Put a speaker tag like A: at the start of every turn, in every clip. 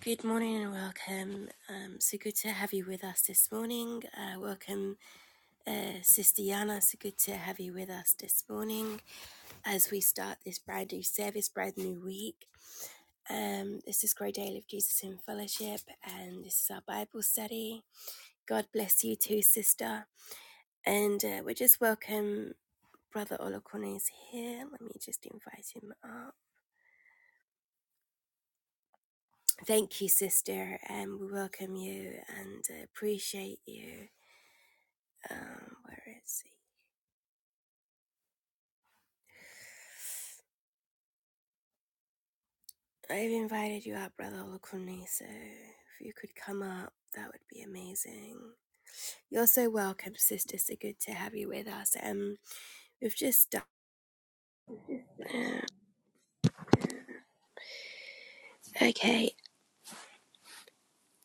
A: Good morning and welcome. Um, so good to have you with us this morning. Uh, welcome, uh, Sister Yana. So good to have you with us this morning as we start this brand new service, brand new week. Um, this is Grow Daily of Jesus in Fellowship, and this is our Bible study. God bless you too, Sister. And uh, we just welcome Brother Olokone is here. Let me just invite him up. Thank you, Sister, and we welcome you and uh, appreciate you. Um, where is he? I've invited you up, Brother Olukuni, so if you could come up, that would be amazing. You're so welcome, Sister. So good to have you with us. Um, we've just done. Uh, okay,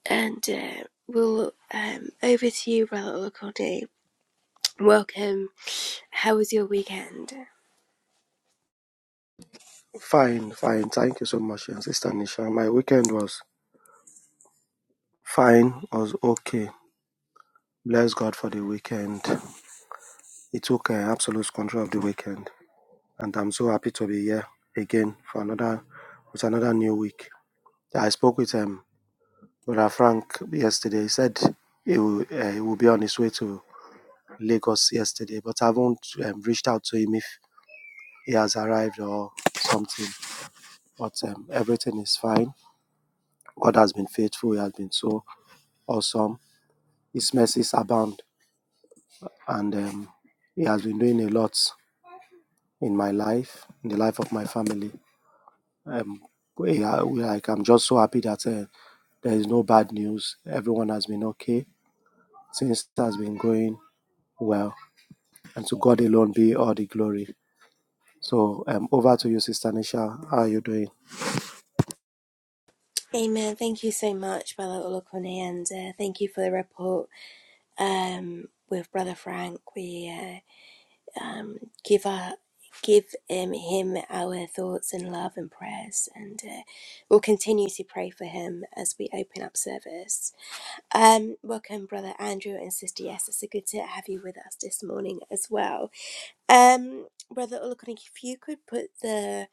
A: and uh, we'll um over to you, Brother Olukuni. Welcome. How was your weekend?
B: Fine, fine. Thank you so much, and Sister Nisha. My weekend was fine, I was okay. Bless God for the weekend. He took uh, absolute control of the weekend, and I'm so happy to be here again for another with another new week. I spoke with um, Brother Frank yesterday. He said he will, uh, he will be on his way to Lagos yesterday, but I haven't um, reached out to him if he has arrived or something. But um, everything is fine. God has been faithful. He has been so awesome His mercies abound. And um, He has been doing a lot in my life, in the life of my family. Um, we are, we like, I'm just so happy that uh, there is no bad news. Everyone has been okay. Things has been going well. And to God alone be all the glory. So um, over to you, Sister Nisha. How are you doing?
A: Amen. Thank you so much, Brother Olukuni, and uh, thank you for the report. Um, with Brother Frank, we. uh, um, give our give um, him our thoughts and love and prayers and uh, we'll continue to pray for him as we open up service um, welcome brother andrew and sister yes it's so good to have you with us this morning as well um, brother Olakunik, if you could put the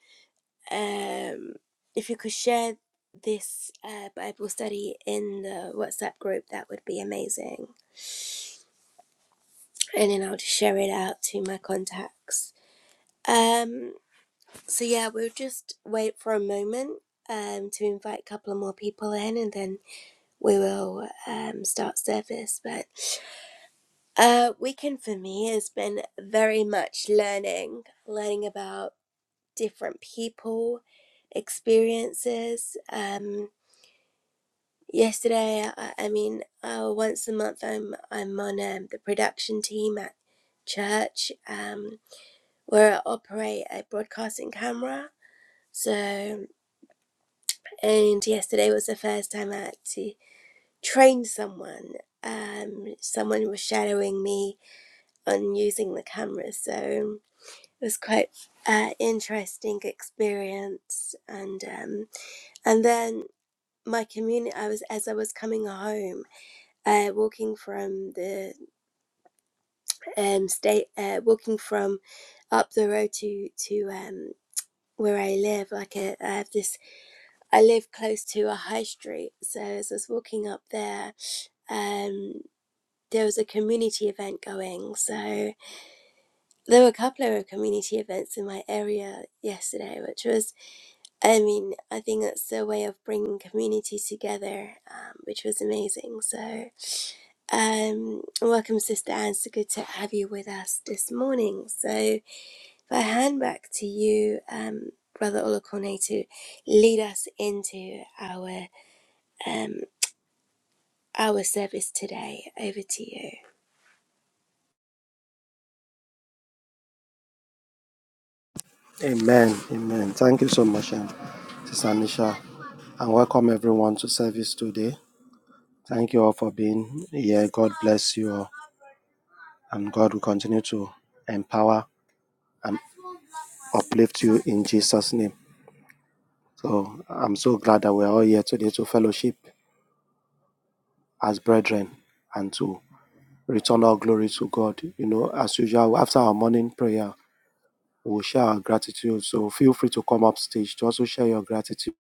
A: um, if you could share this uh, bible study in the whatsapp group that would be amazing and then i'll just share it out to my contacts um So yeah, we'll just wait for a moment um, to invite a couple of more people in, and then we will um, start service. But uh, weekend for me has been very much learning, learning about different people, experiences. Um, yesterday, I, I mean, uh, once a month, I'm I'm on um, the production team at church, um, where I operate a broadcasting camera. So. And yesterday was the first time I had to train someone. Um, someone was shadowing me on using the camera, so it was quite an uh, interesting experience. And um, and then my community, I was as I was coming home, uh, walking from the um, state, uh, walking from up the road to to um, where I live. Like a, I have this I live close to a high street, so as I was walking up there, um, there was a community event going. So there were a couple of community events in my area yesterday, which was, I mean, I think that's a way of bringing community together, um, which was amazing. So um, welcome, Sister Anne. So good to have you with us this morning. So if I hand back to you, um, Brother Olokone, to lead us into our um, our service today. Over to you.
B: Amen. Amen. Thank you so much, um, Sister Nisha. And welcome everyone to service today. Thank you all for being here. God bless you all. And God will continue to empower and uplift you in Jesus' name. So I'm so glad that we're all here today to fellowship as brethren and to return all glory to God. You know, as usual, after our morning prayer, we'll share our gratitude. So feel free to come up stage to also share your gratitude.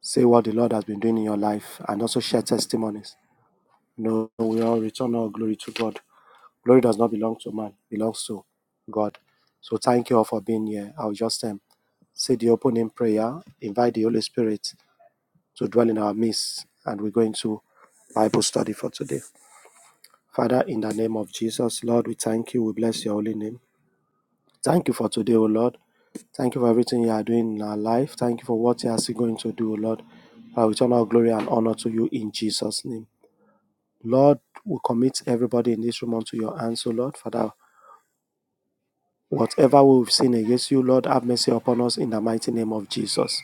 B: Say what the Lord has been doing in your life and also share testimonies. You know, we all return all glory to God. Glory does not belong to man, it belongs to God. So thank you all for being here. I'll just um, say the opening prayer, invite the Holy Spirit to dwell in our midst, and we're going to Bible study for today. Father, in the name of Jesus, Lord, we thank you. We bless your holy name. Thank you for today, O Lord. Thank you for everything you are doing in our life. Thank you for what you are still going to do, O Lord. I return all glory and honor to you in Jesus' name. Lord, we commit everybody in this room unto your hands, O Lord. Father, Whatever we've sinned against you, Lord, have mercy upon us in the mighty name of Jesus.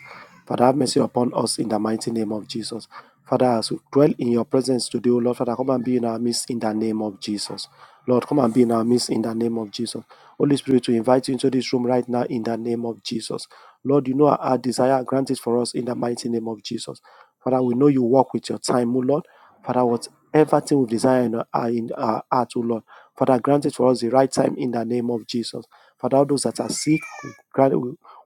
B: Father, have mercy upon us in the mighty name of Jesus. Father, as we dwell in your presence today, O Lord, Father, come and be in our midst in the name of Jesus. Lord, come and be in our midst in the name of Jesus. Holy Spirit, we invite you into this room right now in the name of Jesus. Lord, you know our our desire, grant it for us in the mighty name of Jesus. Father, we know you work with your time, O Lord. Father, whatever thing we desire in our, in our heart, O Lord. Father, grant it for us the right time in the name of Jesus. Father, all those that are sick, we,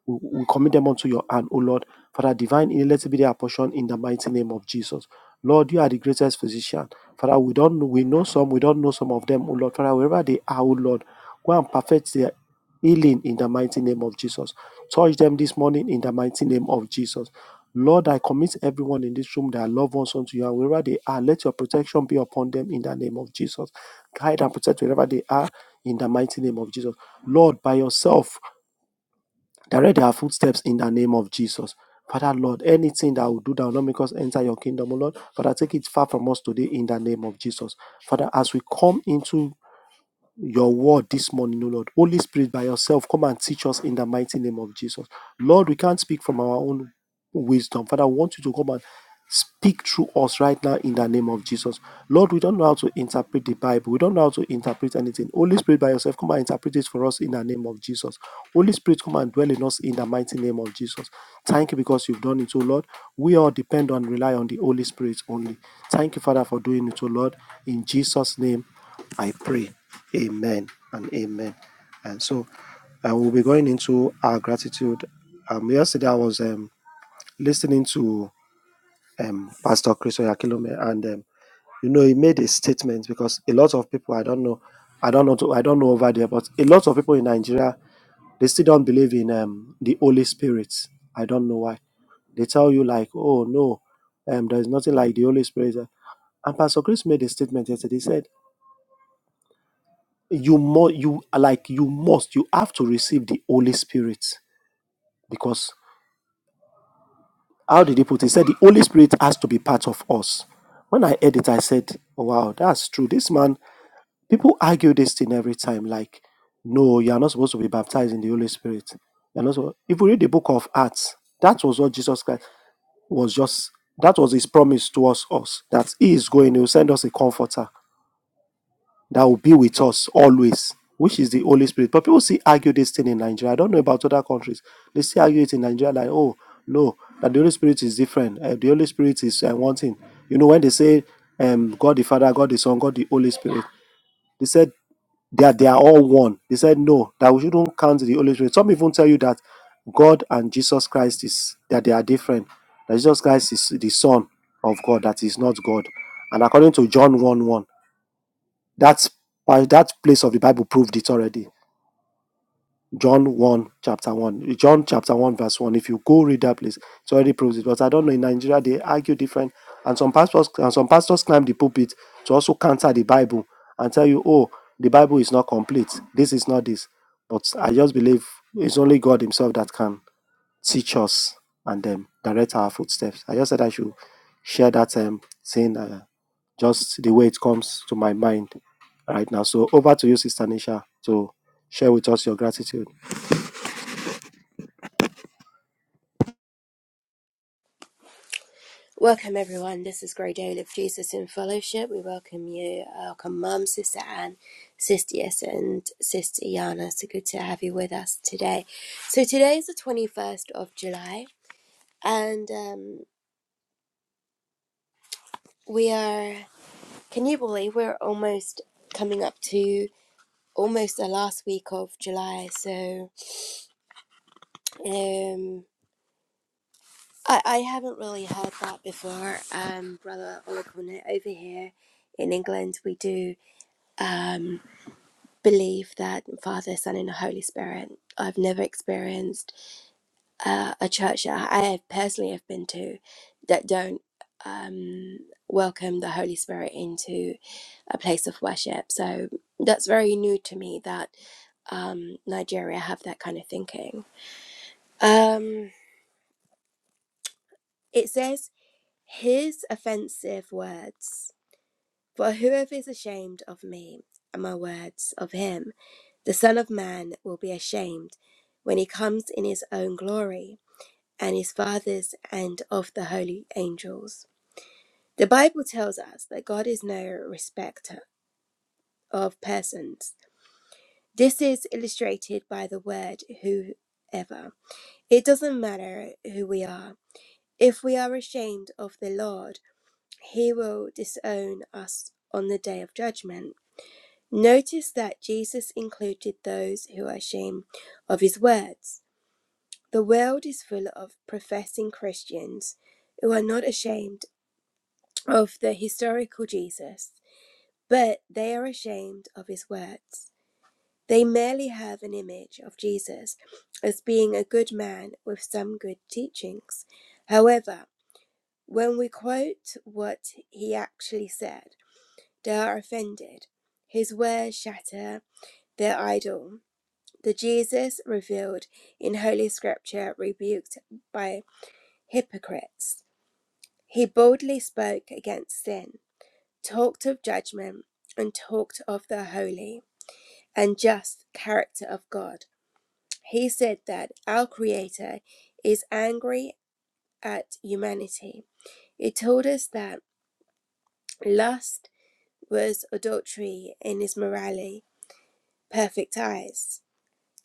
B: we, we commit them unto your hand, O Lord. Father, divine healing, let it be their portion in the mighty name of Jesus. Lord, you are the greatest physician. Father, we don't know, we know some, we don't know some of them, O Lord. Father, wherever they are, O Lord, go and perfect their healing in the mighty name of Jesus. Touch them this morning in the mighty name of Jesus. Lord, I commit everyone in this room, their loved ones unto you, and wherever they are, let your protection be upon them in the name of Jesus. Guide and protect wherever they are in the mighty name of Jesus. Lord, by yourself, direct our footsteps in the name of Jesus. Father, Lord, anything that will do that will not make us enter your kingdom, O Lord, Father, take it far from us today in the name of Jesus. Father, as we come into your word this morning, O Lord. Holy Spirit, by yourself, come and teach us in the mighty name of Jesus. Lord, we can't speak from our own wisdom. Father, I want you to come and speak through us right now in the name of Jesus. Lord, we don't know how to interpret the Bible. We don't know how to interpret anything. Holy Spirit, by yourself, come and interpret it for us in the name of Jesus. Holy Spirit, come and dwell in us in the mighty name of Jesus. Thank you because you've done it, O Lord. We all depend on, rely on the Holy Spirit only. Thank you, Father, for doing it, O Lord. In Jesus' name. I pray. Amen and amen. And so uh, we'll be going into our gratitude. Um, yesterday I was um, listening to um, Pastor Chris Oyakilome, and um, you know he made a statement because a lot of people I don't know, I don't know, I don't know over there, but a lot of people in Nigeria they still don't believe in um, the Holy Spirit. I don't know why. They tell you like, oh no, um, there is nothing like the Holy Spirit. And Pastor Chris made a statement yesterday. He said you must you like you must you have to receive the holy spirit because how did he put it? He said the holy spirit has to be part of us when i heard it i said oh, wow that's true this man people argue this thing every time like no you're not supposed to be baptized in the holy spirit you're not supposed- if we read the book of acts that was what jesus christ was just that was his promise towards us that he is going he will send us a comforter that will be with us always, which is the Holy Spirit. But people see argue this thing in Nigeria. I don't know about other countries. They see argue it in Nigeria, like, oh, no, that the Holy Spirit is different. Uh, the Holy Spirit is uh, one thing. You know, when they say um, God the Father, God the Son, God the Holy Spirit, they said they are, they are all one. They said, no, that we shouldn't count the Holy Spirit. Some even tell you that God and Jesus Christ is, that they are different. That Jesus Christ is the Son of God, that is not God. And according to John 1 1, that's by that place of the Bible proved it already. John 1, chapter 1. John chapter 1, verse 1. If you go read that place, it already proves it. But I don't know, in Nigeria they argue different. And some pastors and some pastors climb the pulpit to also counter the Bible and tell you, oh, the Bible is not complete. This is not this. But I just believe it's only God Himself that can teach us and um, direct our footsteps. I just said I should share that um, saying uh, just the way it comes to my mind right now. So over to you, Sister Nisha, to share with us your gratitude.
A: Welcome, everyone. This is Grey Daily of Jesus in Fellowship. We welcome you. Welcome, Mum, Sister Anne, Sister Yes, and Sister Yana. So good to have you with us today. So, today is the 21st of July, and um, we are, can you believe, we're almost coming up to almost the last week of July. So, um, I, I haven't really heard that before, um, Brother Olakone. Over here in England, we do um, believe that Father, Son, and the Holy Spirit. I've never experienced uh, a church that I have personally have been to that don't um, welcome the Holy Spirit into a place of worship. So that's very new to me that um, Nigeria have that kind of thinking. Um, it says, "His offensive words." For whoever is ashamed of me and my words of him, the Son of Man will be ashamed when he comes in his own glory and his Father's and of the holy angels. The Bible tells us that God is no respecter of persons. This is illustrated by the word whoever. It doesn't matter who we are. If we are ashamed of the Lord, he will disown us on the day of judgment. Notice that Jesus included those who are ashamed of his words. The world is full of professing Christians who are not ashamed of the historical Jesus, but they are ashamed of his words. They merely have an image of Jesus as being a good man with some good teachings. However, when we quote what he actually said, they are offended. His words shatter their idol The Jesus revealed in Holy Scripture rebuked by hypocrites. He boldly spoke against sin, talked of judgment, and talked of the holy and just character of God. He said that our Creator is angry at humanity. He told us that lust was adultery in his morally perfect eyes.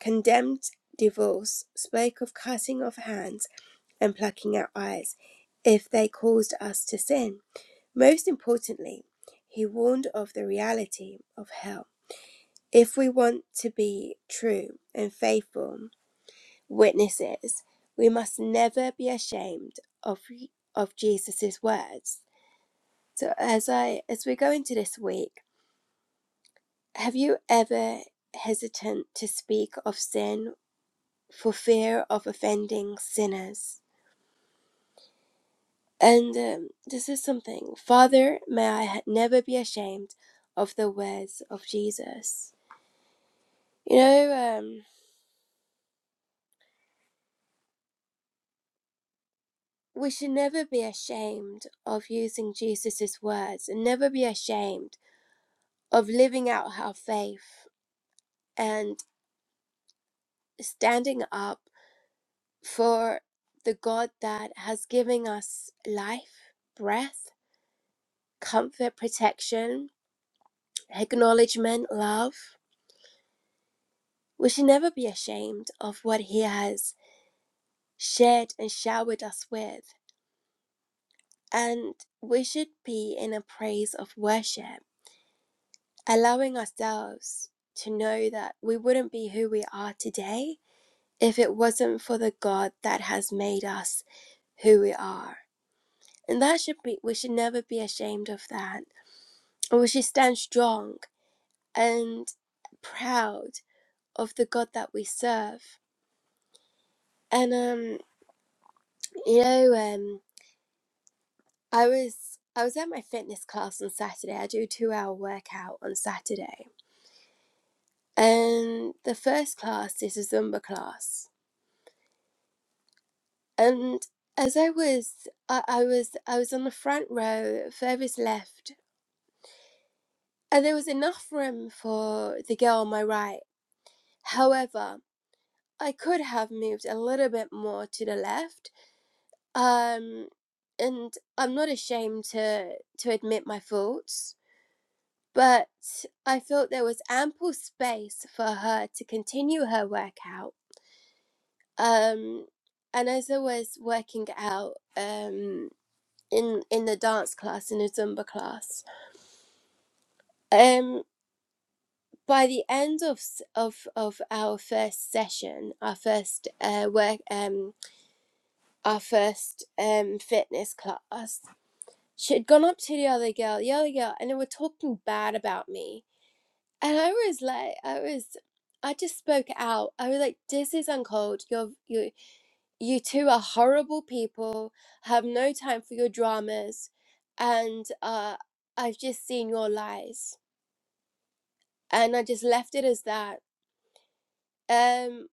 A: Condemned divorce spoke of cutting off hands and plucking out eyes if they caused us to sin. Most importantly, he warned of the reality of hell. If we want to be true and faithful witnesses, we must never be ashamed of of Jesus' words. So as I as we go into this week, have you ever hesitant to speak of sin for fear of offending sinners. And um, this is something, Father, may I never be ashamed of the words of Jesus. You know, um, we should never be ashamed of using Jesus' words and never be ashamed of living out our faith and standing up for the God that has given us life, breath, comfort, protection, acknowledgement, love. We should never be ashamed of what He has shared and showered us with. And we should be in a praise of worship, allowing ourselves to know that we wouldn't be who we are today if it wasn't for the God that has made us who we are. And that should be, we should never be ashamed of that. And we should stand strong and proud of the God that we serve. And, um, you know, um, I was I was at my fitness class on Saturday. I do a two hour workout on Saturday. And the first class is a Zumba class. And as I was I, I was I was on the front row, furthest left, and there was enough room for the girl on my right. However, I could have moved a little bit more to the left. Um and I'm not ashamed to to admit my faults but I felt there was ample space for her to continue her workout. Um, and as I was working out um, in in the dance class in a Zumba class, um, by the end of s- of of our first session, our first uh, work, um, our first um, fitness class, she had gone up to the other girl, the other girl, and they were talking bad about me And I was like, I was, I just spoke out. I was like, this is uncold. You're, you, you two are horrible people. Have no time for your dramas, and uh, I've just seen your lies. And I just left it as that. Um,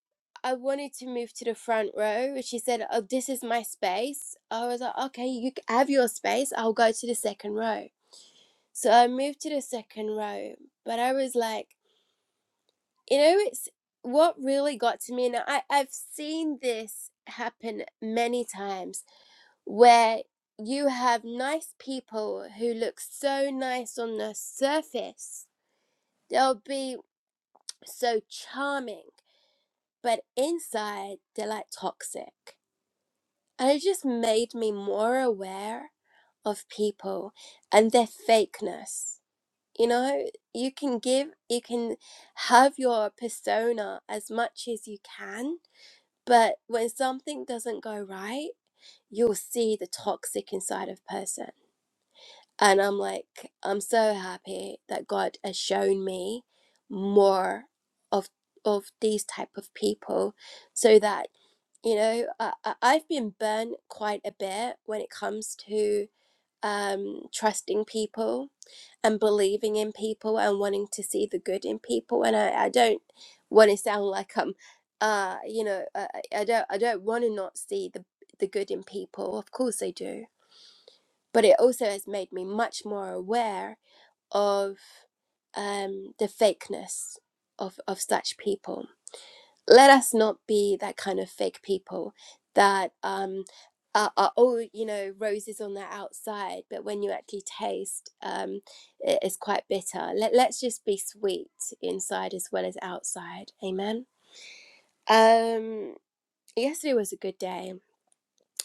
A: I wanted to move to the front row. She said, "Oh, this is my space." I was like, "Okay, you c- have your space. I'll go to the second row." So I moved to the second row, but I was like. you know it's what really got to me and I, i've seen this happen many times where you have nice people who look so nice on the surface they'll be so charming but inside they're like toxic and it just made me more aware of people and their fakeness you know you can give you can have your persona as much as you can But when something doesn't go right, you'll see the toxic inside of person. And I'm like, I'm so happy that God has shown me more of of these type of people, so that you know I, I- I've been burnt quite a bit when it comes to um, trusting people and believing in people and wanting to see the good in people and i, I don't want to sound like i'm uh you know I, I don't i don't want to not see the the good in people of course i do but it also has made me much more aware of um the fakeness of of such people let us not be that kind of fake people that um are, are all you know roses on the outside but when you actually taste um it is quite bitter let, let's just be sweet inside as well as outside amen um yesterday was a good day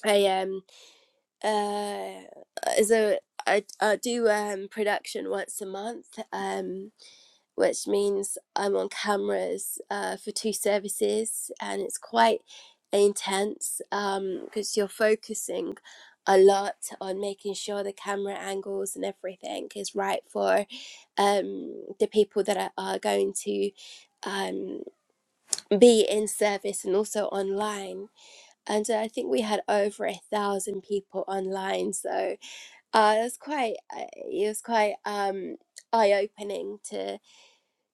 A: i um uh uh, so i, I do um production once a month um which means I'm on cameras uh, for two services, and it's quite intense um, because you're focusing a lot on making sure the camera angles and everything is right for um, the people that are, are going to um, be in service and also online. And so I think we had over a thousand people online, so uh, it was quite uh, it was quite um, eye opening to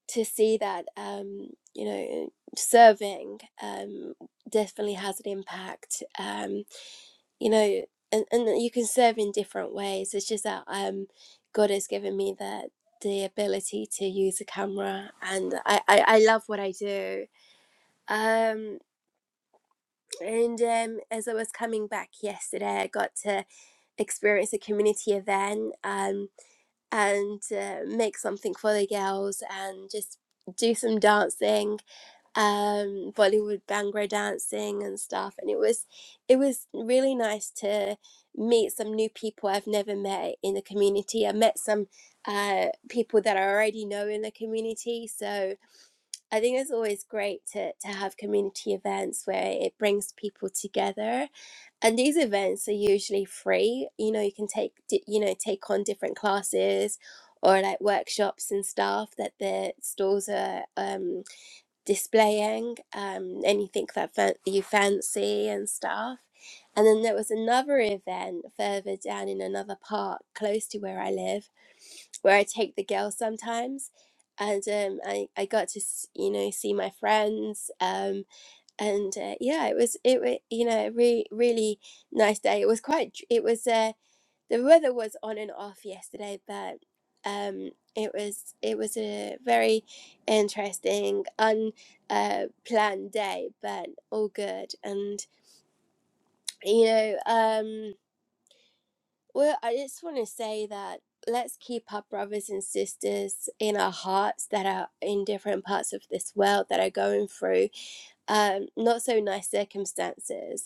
A: to see that um, you know serving um, definitely has an impact um, you know and, and you can serve in different ways it's just that um, god has given me the the ability to use a camera and i i, I love what i do um and um as i was coming back yesterday i got to experience a community event um and uh, make something for the girls and just do some dancing um Bollywood bhangra, dancing and stuff and it was it was really nice to meet some new people I've never met in the community. I met some uh people that I already know in the community. So I think it's always great to to have community events where it brings people together. And these events are usually free. You know, you can take di- you know, take on different classes or like workshops and stuff that the stalls are um displaying um, anything that fa- you fancy and stuff. And then there was another event further down in another park close to where I live, where I take the girls sometimes. And um, I, I got to s- you know see my friends um, and uh, yeah it was it wa- you know a re- really nice day it was quite dr- it was uh, the weather was on and off yesterday, but um, it was it was a very interesting, unplanned uh, planned day, but all good. And you know, um, well, I just want to say that let's keep our brothers and sisters in our hearts that are in different parts of this world that are going through um, not so nice circumstances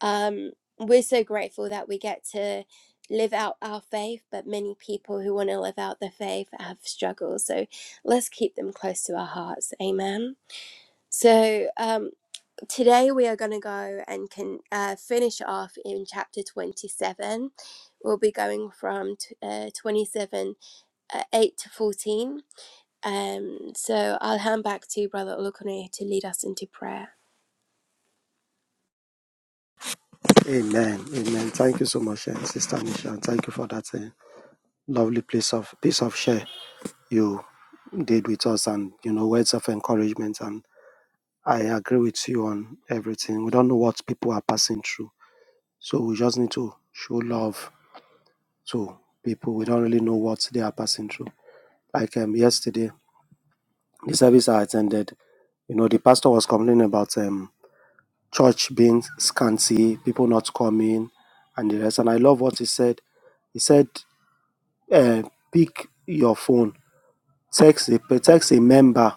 A: um, we're so grateful that we get to live out our faith, but many people who want to live out their faith have struggles. So let's keep them close to our hearts. Amen. So um, today we are going to go and can uh, finish off in chapter 27. We'll be going from t- uh, 27, uh, 8 to 14. Um, so I'll hand back to Brother Olukone to lead us into prayer.
B: Amen. Amen. Thank you so much, eh, Sister Nisha, and thank you for that eh, lovely piece of piece of share you did with us, and you know words of encouragement. And I agree with you on everything. We don't know what people are passing through, so we just need to show love So people, we don't really know what they are passing through. Like um, yesterday, the service I attended, you know, the pastor was complaining about um, church being scanty, people not coming, and the rest. And I love what he said. He said, uh, "Pick your phone, text a text a member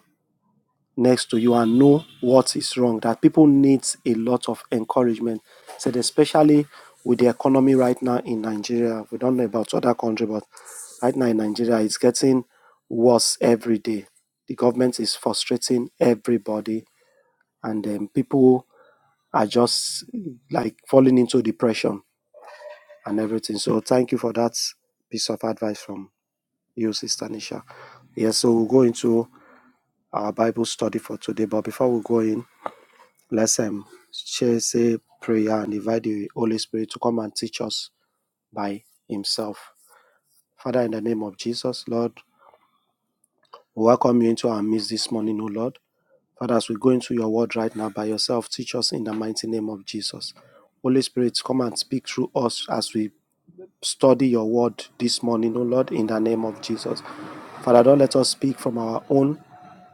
B: next to you and know what is wrong. That people needs a lot of encouragement. Said especially with the economy right now in Nigeria. We don't know about other country, but right now in Nigeria it's getting worse every day. The government is frustrating everybody, and then people are just like falling into depression and everything. So thank you for that piece of advice from you, Sister Nisha. Yes, yeah, so we'll go into our Bible study for today. But before we go in, Let's um, share, say prayer and invite the Holy Spirit to come and teach us by Himself. Father, in the name of Jesus, Lord, we welcome you into our midst this morning, O Lord. Father, as we go into your word right now by yourself, teach us in the mighty name of Jesus. Holy Spirit, come and speak through us as we study your word this morning, oh Lord, in the name of Jesus. Father, don't let us speak from our own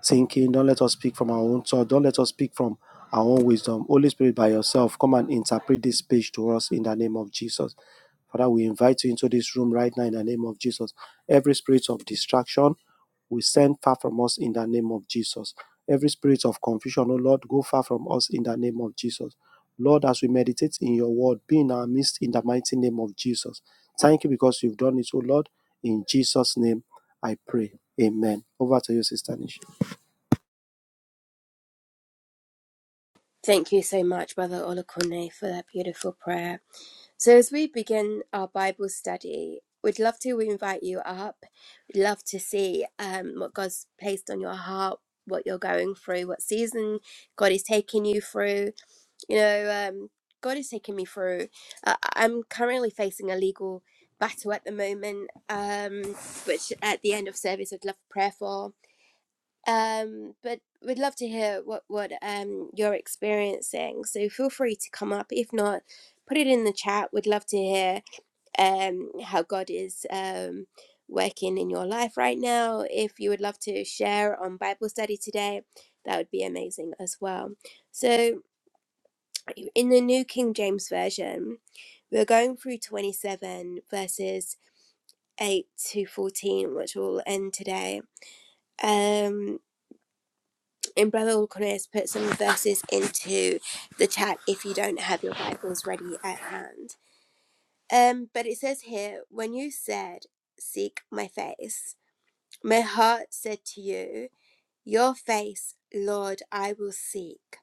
B: thinking. Don't let us speak from our own thought. Don't let us speak from our own wisdom. Holy Spirit, by yourself, come and interpret this page to us in the name of Jesus. Father, we invite you into this room right now in the name of Jesus. Every spirit of distraction, we send far from us in the name of Jesus. Every spirit of confusion, oh Lord, go far from us in the name of Jesus. Lord, as we meditate in your word, be in our midst in the mighty name of Jesus. Thank you because you've done it, oh Lord. In Jesus' name, I pray. Amen. Over to you, Sister Nisha.
A: Thank you so much, Brother Olukone, for that beautiful prayer. So, as we begin our Bible study, we'd love to invite you up. We'd love to see um, what God's placed on your heart, what you're going through, what season God is taking you through. You know, um, God is taking me through. Uh, I'm currently facing a legal battle at the moment, um, which at the end of service I'd love prayer for um, but we'd love to hear what what um you're experiencing. So feel free to come up. If not, put it in the chat. We'd love to hear um how God is um working in your life right now. If you would love to share on Bible study today, that would be amazing as well. So in the New King James Version, we're going through 27 verses 8 to 14, which will end today. Um. And Brother Alconus put some verses into the chat if you don't have your Bibles ready at hand. Um, but it says here, when you said, Seek my face, my heart said to you, Your face, Lord, I will seek.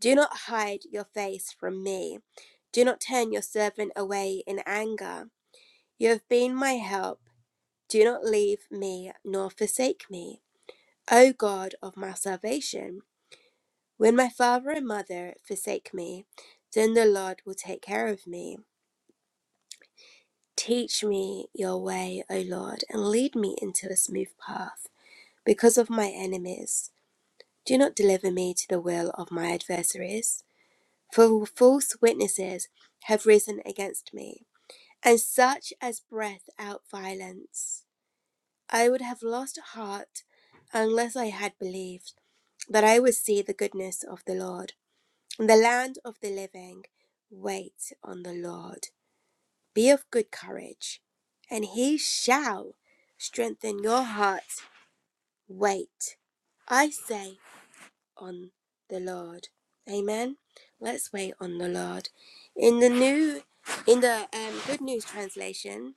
A: Do not hide your face from me. Do not turn your servant away in anger. You have been my help. Do not leave me nor forsake me, O God of my salvation. When my father and mother forsake me, then the Lord will take care of me. Teach me your way, O Lord, and lead me into a smooth path because of my enemies. Do not deliver me to the will of my adversaries, for false witnesses have risen against me, and such as breath out violence. I would have lost heart unless I had believed that I would see the goodness of the Lord The land of the living, wait on the Lord. Be of good courage, and he shall strengthen your hearts. Wait, I say, on the Lord. Amen. Let's wait on the Lord. In the new, in the um, Good News translation,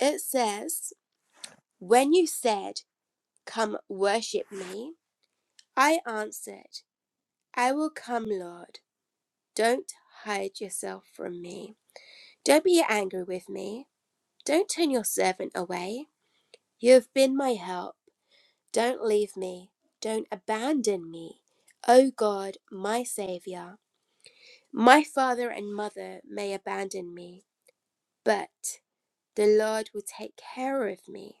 A: it says, "When you said, 'Come worship me," I answered, 'I will come, Lord. Don't hide yourself from me." Don't be angry with me. Don't turn your servant away. You have been my help. Don't leave me. Don't abandon me. O God, my Saviour. My father and mother may abandon me, but the Lord will take care of me.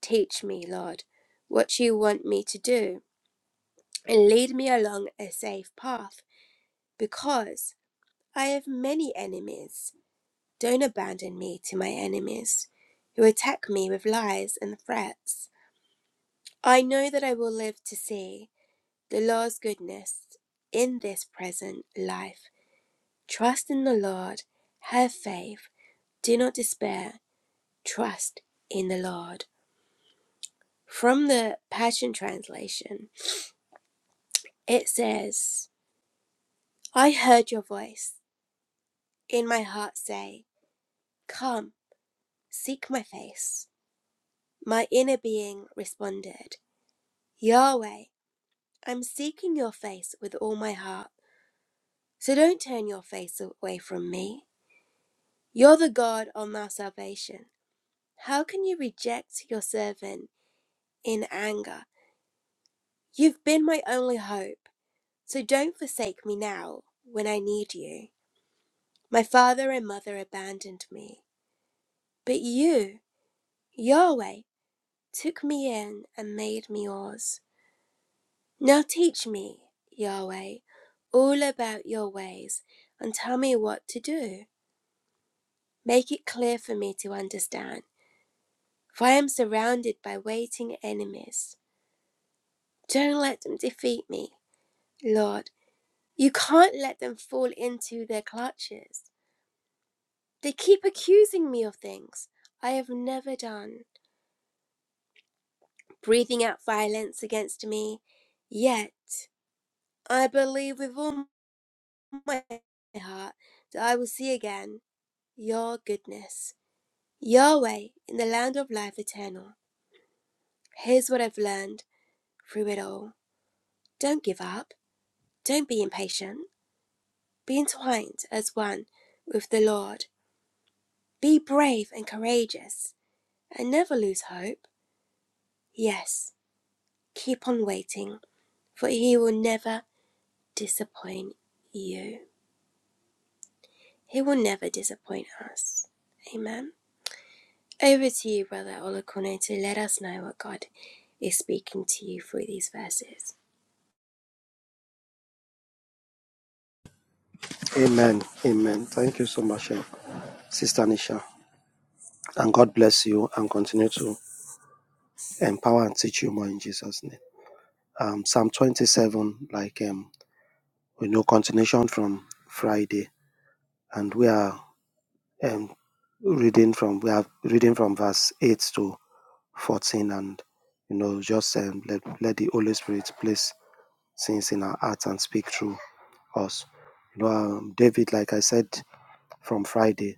A: Teach me, Lord, what you want me to do, and lead me along a safe path, because I have many enemies. Don't abandon me to my enemies, who attack me with lies and threats. I know that I will live to see the Lord's goodness in this present life. Trust in the Lord, have faith, do not despair, trust in the Lord. From the Passion Translation, it says, I heard your voice in my heart say, Come, seek my face. My inner being responded, Yahweh. I'm seeking your face with all my heart, so don't turn your face away from me. You're the God of my salvation. How can you reject your servant in anger? You've been my only hope, so don't forsake me now when I need you. My father and mother abandoned me, but you, Yahweh, took me in and made me yours. Now teach me, Yahweh, all about your ways and tell me what to do. Make it clear for me to understand, for I am surrounded by waiting enemies. Don't let them defeat me. Lord, you can't let them fall into their clutches. They keep accusing me of things I have never done, breathing out violence against me. Yet, I believe with all my heart that I will see again your goodness, Yahweh, in the land of life eternal. Here's what I've learned through it all. Don't give up. Don't be impatient. Be entwined as one with the Lord. Be brave and courageous, and never lose hope. Yes, keep on waiting, for He will never disappoint you. He will never disappoint us. Amen. Over to you, Brother Olakone, to let us know what God is speaking to you through these verses.
B: Amen. Amen. Thank you so much, eh, Sister Nisha. And God bless you and continue to empower and teach you more in Jesus' name. Um, Psalm 27, like um, we know, continuation from Friday. And we are um, reading from we are reading from verse 8 to 14 and you know just um, let, let the holy spirit place things in our hearts and speak through us you know um, david like i said from friday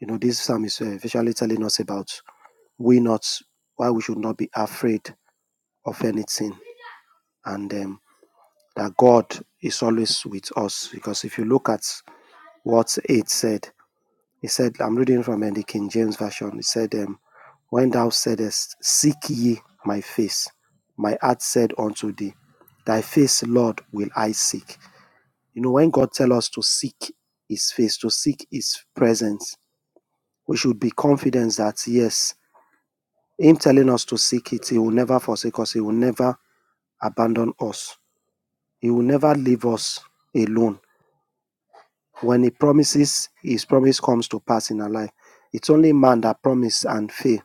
B: you know this psalm is uh, visually telling us about we not why we should not be afraid of anything and um, that god is always with us because if you look at what it said He said, I'm reading from uh, the King James Version. He said, um, When thou saidest, Seek ye my face, my heart said unto thee, Thy face, Lord, will I seek. You know, when God tells us to seek his face, to seek his presence, we should be confident that, yes, him telling us to seek it, he will never forsake us, he will never abandon us, he will never leave us alone. When he promises, his promise comes to pass in our life. It's only man that promise and fail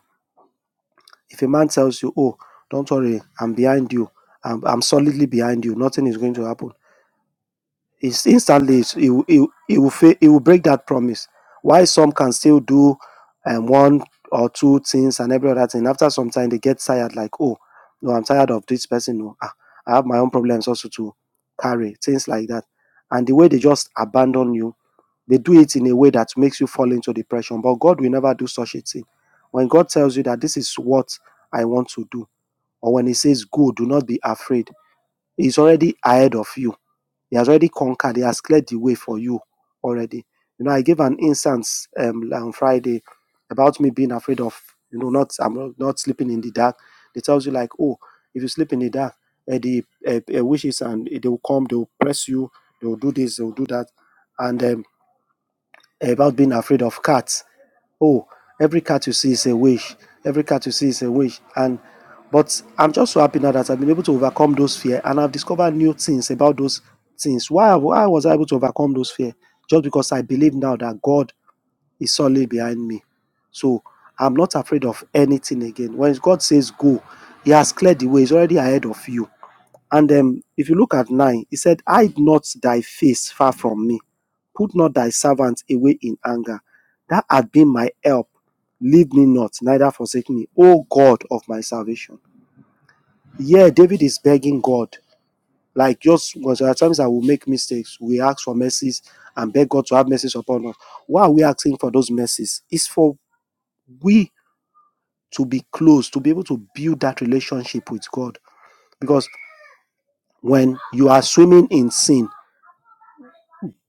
B: If a man tells you, "Oh, don't worry, I'm behind you. I'm I'm solidly behind you. Nothing is going to happen." It's instantly it's, it will- he will- he will fail, it will break that promise. Why some can still do um, one or two things and every other thing. After some time, they get tired. Like, oh, no, I'm tired of this person. No, ah, I have my own problems also to carry. Things like that. And the way they just abandon you, they do it in a way that makes you fall into depression. But God will never do such a thing. When God tells you that this is what I want to do, or when he says, Go, do not be afraid, he's already ahead of you. He has already conquered, he has cleared the way for you already. You know, I gave an instance um, on Friday about me being afraid of, you know, not I'm not- sleeping in the dark. They tells you like, oh, if you sleep in the dark, uh, the uh, uh, witches and uh, they will come, they will press you, they will do this, they will do that, and um, about being afraid of cats. Oh, every cat you see is a wish. Every cat you see is a wish. And but I'm just so happy now that I've been able to overcome those fear and I've discovered new things about those things. Why, why was I able to overcome those fear? Just because I believe now that God is solely behind me. So I'm not afraid of anything again. When God says go, He has cleared the way, He's already ahead of you. And um, if you look at nine, he said, Hide not thy face far from me. Put not thy servant away in anger. That had been my help. Leave me not, neither forsake me. O God of my salvation. Yeah, David is begging God. Like just because there are times that we make mistakes, we ask for mercies and beg God to have mercies upon us. Why are we asking for those mercies? It's for we to be close, to be able to build that relationship with God. Because when you are swimming in sin,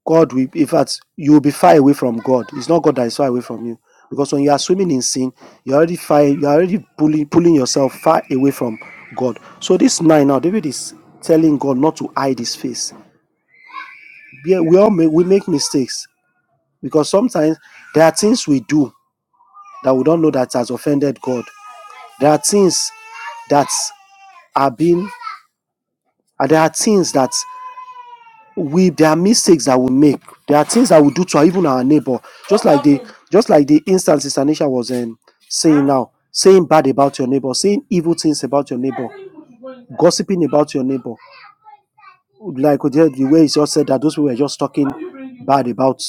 B: God will, in fact, you will be far away from God. It's not God that is far away from you. Because when you are swimming in sin, you're already far, you're already pulling, pulling yourself far away from God. So this nine now, David is telling God not to hide his face. We, we all make, we make mistakes because sometimes there are things we do that we don't know that has offended God. There are things that are being, and there are things that we there are mistakes that we make there are things that we do to our, even our neighbor just like the just like the instance sister nisha was um, saying now saying bad about your neighbor saying evil things about your neighbor gossiping about your neighbor like the, the way it's just said that those people were just talking bad about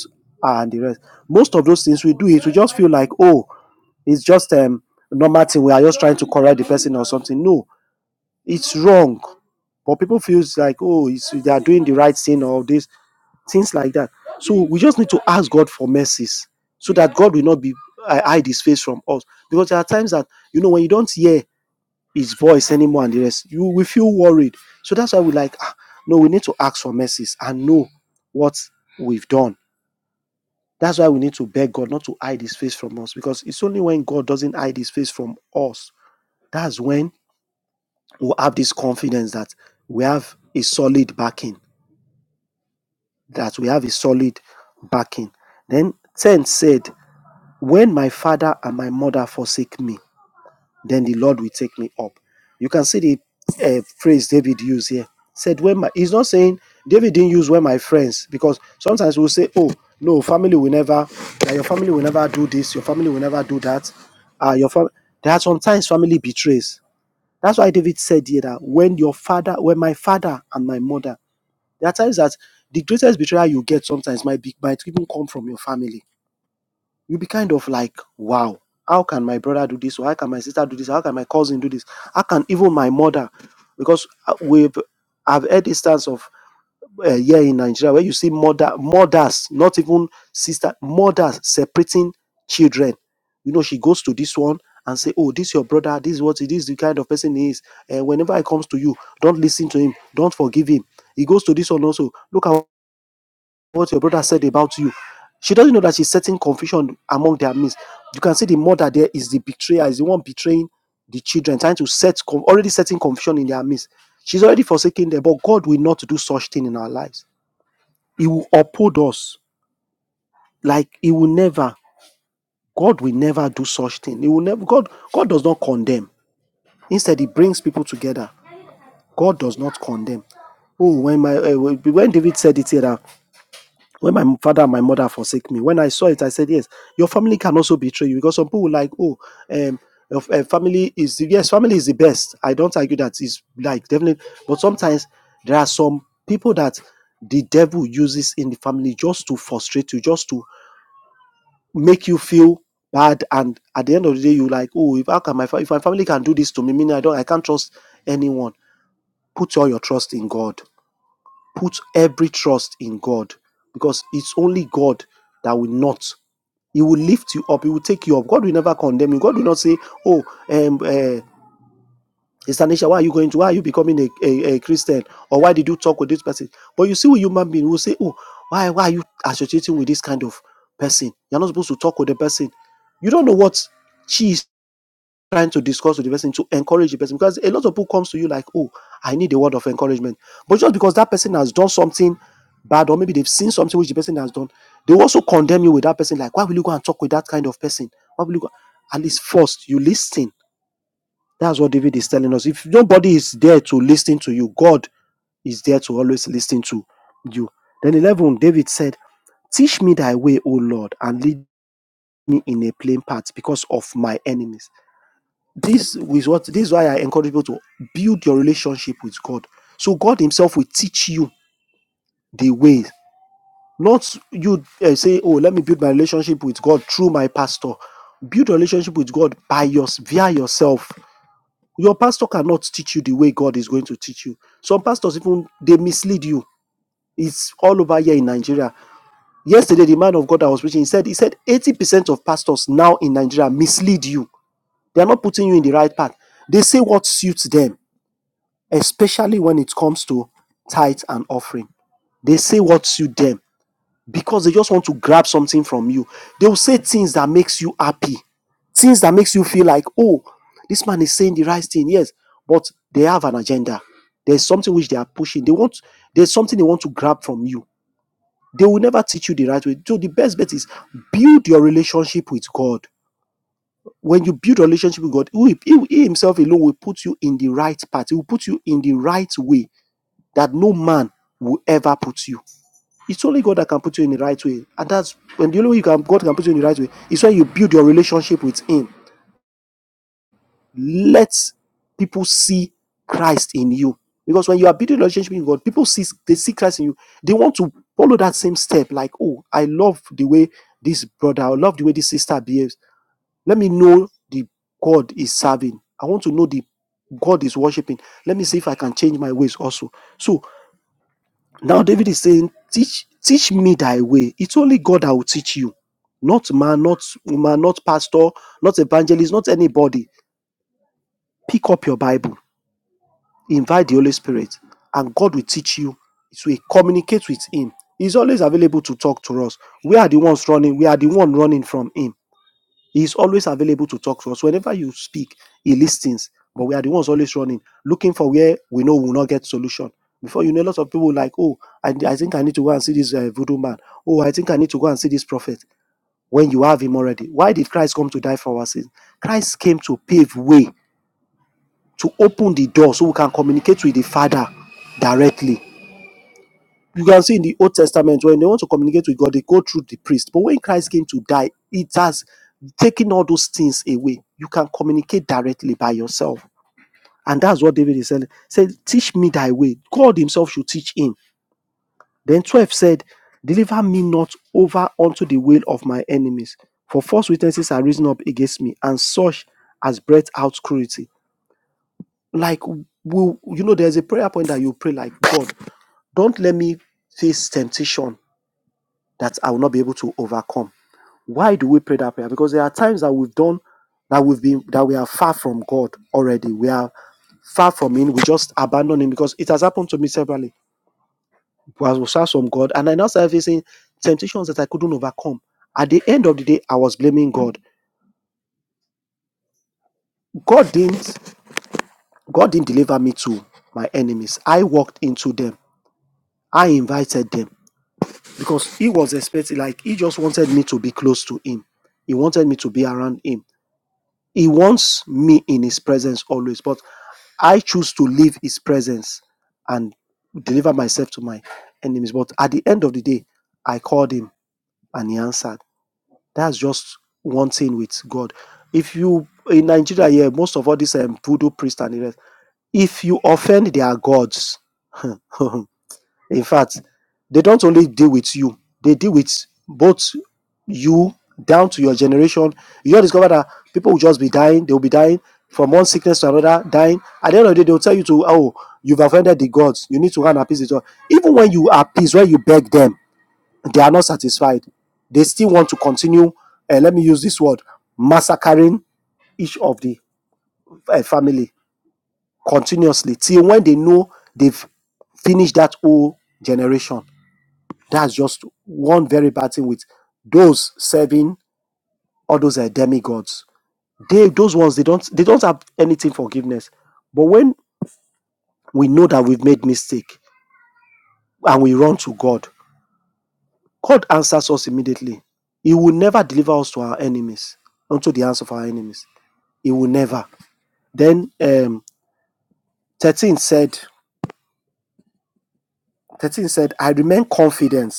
B: her and the rest most of those things we do it we just feel like oh it's just um normal thing we are just trying to correct the person or something no it's wrong but people feels like oh it's, they are doing the right thing or this things like that. So we just need to ask God for mercies so that God will not be hi- hide his face from us. Because there are times that you know when you don't hear his voice anymore and the rest, you will feel worried. So that's why we like, ah, no, we need to ask for mercies and know what we've done. That's why we need to beg God not to hide his face from us. Because it's only when God doesn't hide his face from us, that's when we'll have this confidence that we have a solid backing. That we have a solid backing. Then 10 said, When my father and my mother forsake me, then the Lord will take me up. You can see the uh, phrase David used here. Said when my he's not saying David didn't use when my friends because sometimes we'll say, oh no, family will never, that your family will never do this, your family will never do that. Uh, your fam, there are sometimes family betrays. That's why David said here that when your father, when my father and my mother, there are times that the greatest betrayal you get sometimes might be might even come from your family You'll be kind of like, wow, how can my brother do this? Or how can my sister do this? How can my cousin do this? How can even my mother? Because uh, we've I've heard instance of uh, here in Nigeria where you see mother mothers, not even sister, mothers separating children. You know, she goes to this one and say, "Oh, this your brother. This is what it is. The kind of person he is. And whenever he comes to you, don't listen to him. Don't forgive him." He goes to this one also. Look at what your brother said about you. She doesn't know that she's setting confusion among their midst. You can see the mother there is the betrayer, is the one betraying the children, trying to set already setting confusion in their midst. She's already forsaken them, but God will not do such thing in our lives. He will uphold us. Like he will never, God will never do such thing. He will never God, God does not condemn. Instead, he brings people together. God does not condemn. Oh, when my uh, when David said it here, that when my father and my mother forsake me when i saw it i said yes your family can also betray you because some people will like oh um your f- eh, family is yes family is the best i don't argue that is like definitely but sometimes there are some people that the devil uses in the family just to frustrate you just to make you feel bad and at the end of the day you like oh if how can my fa- if my family can do this to me meaning i don't i can't trust anyone put all your trust in god put every trust in God because it's only God that will not. He will lift you up. He will take you up. God will never condemn you. God will not say, "Oh, um, uh, Estanisha, why are you going to? Why are you becoming a, a, a Christian? Or why did you talk with this person?" But you see, with human being, will say, "Oh, why why are you associating with this kind of person? You're not supposed to talk with the person. You don't know what she is trying to discuss with the person to encourage the person because a lot of people comes to you like oh i need a word of encouragement but just because that person has done something bad or maybe they've seen something which the person has done they also condemn you with that person like why will you go and talk with that kind of person why will you go at least first you listen that's what david is telling us if nobody is there to listen to you god is there to always listen to you then 11 david said teach me thy way o lord and lead me in a plain path because of my enemies this is what this is why I encourage people to build your relationship with God. So God Himself will teach you the ways. Not you eh, say, "Oh, let me build my relationship with God through my pastor." Build a relationship with God by your via yourself. Your pastor cannot teach you the way God is going to teach you. Some pastors even they mislead you. It's all over here in Nigeria. Yesterday, the man of God I was preaching, he said, he said, 80% of pastors now in Nigeria mislead you. They are not putting you in the right path. They say what suits them especially when it comes to tithe and offering. They say what suit them because they just want to grab something from you. They will say things that makes you happy, things that makes you feel like, oh, this man is saying the right thing. Yes, but they have an agenda. There's something which they are pushing. They want there's something they want to grab from you. They will never teach you the right way. So the best bet is build your relationship with God. When you build a relationship with God, he, he, he himself alone will put you in the right path. He will put you in the right way that no man will ever put you. It's only God that can put you in the right way. And that's when the only way you can, God can put you in the right way is when you build your relationship with Him. Let people see Christ in you. Because when you are building a relationship with God, people see they see Christ in you. They want to follow that same step. Like, oh, I love the way this brother, I love the way this sister behaves. Let me know the God is serving. I want to know the God is worshiping. Let me see if I can change my ways also. So Now David is saying, Teach teach me thy way. It's only God that will teach you. Not man, not woman, not pastor, not evangelist, not anybody. Pick up your Bible, invite the Holy Spirit, and God will teach you. So we communicate with Him. He's always available to talk to us. We are the ones running, we are the one running from Him he is always available to talk to us. Whenever you speak, he listens. But we are the ones always running, looking for where we know we will not get solution. Before you know, a lot of people like, oh, I, I think I need to go and see this uh, voodoo man. Oh, I think I need to go and see this prophet. When you have him already, why did Christ come to die for our sins? Christ came to pave way, to open the door so we can communicate with the Father directly you can see in the Old Testament when they want to communicate with God, they go through the priest. But when Christ came to die, it has taken all those things away. You can communicate directly by yourself. And that's what David is saying. Say, teach me thy way. God himself should teach him. Then 12 said, Deliver me not over unto the will of my enemies. For false witnesses are risen up against me, and such as breath out cruelty. Like will you know, there's a prayer point that you pray like God, don't let me face temptation that I will not be able to overcome. Why do we pray that prayer? Because there are times that we've done that we've been that we are far from God already. We are far from Him. We just abandon Him because it has happened to me severally. I was far from God, and I now started facing temptations that I couldn't overcome. At the end of the day, I was blaming God. God didn't God didn't deliver me to my enemies. I walked into them. I invited them because He was expecting, like He just wanted me to be close to Him. He wanted me to be around Him He wants me in His presence always, but I choose to leave His presence and deliver myself to my enemies. But at the end of the day, I called Him and He answered. That's just one thing with God. If you in Nigeria here, yeah, most of all these um, voodoo priests and the rest, if you offend their gods, In fact, they don't only deal with you, they deal with both you down to your generation. You just discover that people will just be dying, they will be dying from one sickness to another, dying. At the end of the day, they'll tell you to, oh, you've offended the gods. You need to run appease the gods. Even when you appease, when you beg them, they are not satisfied. They still want to continue, uh, let me use this word, massacring each of the uh, family continuously till when they know they've finished that whole generation. That's just one very bad thing with those serving all those uh, demigods. They those ones they don't they don't have anything forgiveness. But when we know that we've made mistake and we run to God, God answers us immediately. He will never deliver us to our enemies, unto the hands of our enemies. He will never. Then um, 13 said, 13 said, I remain confident.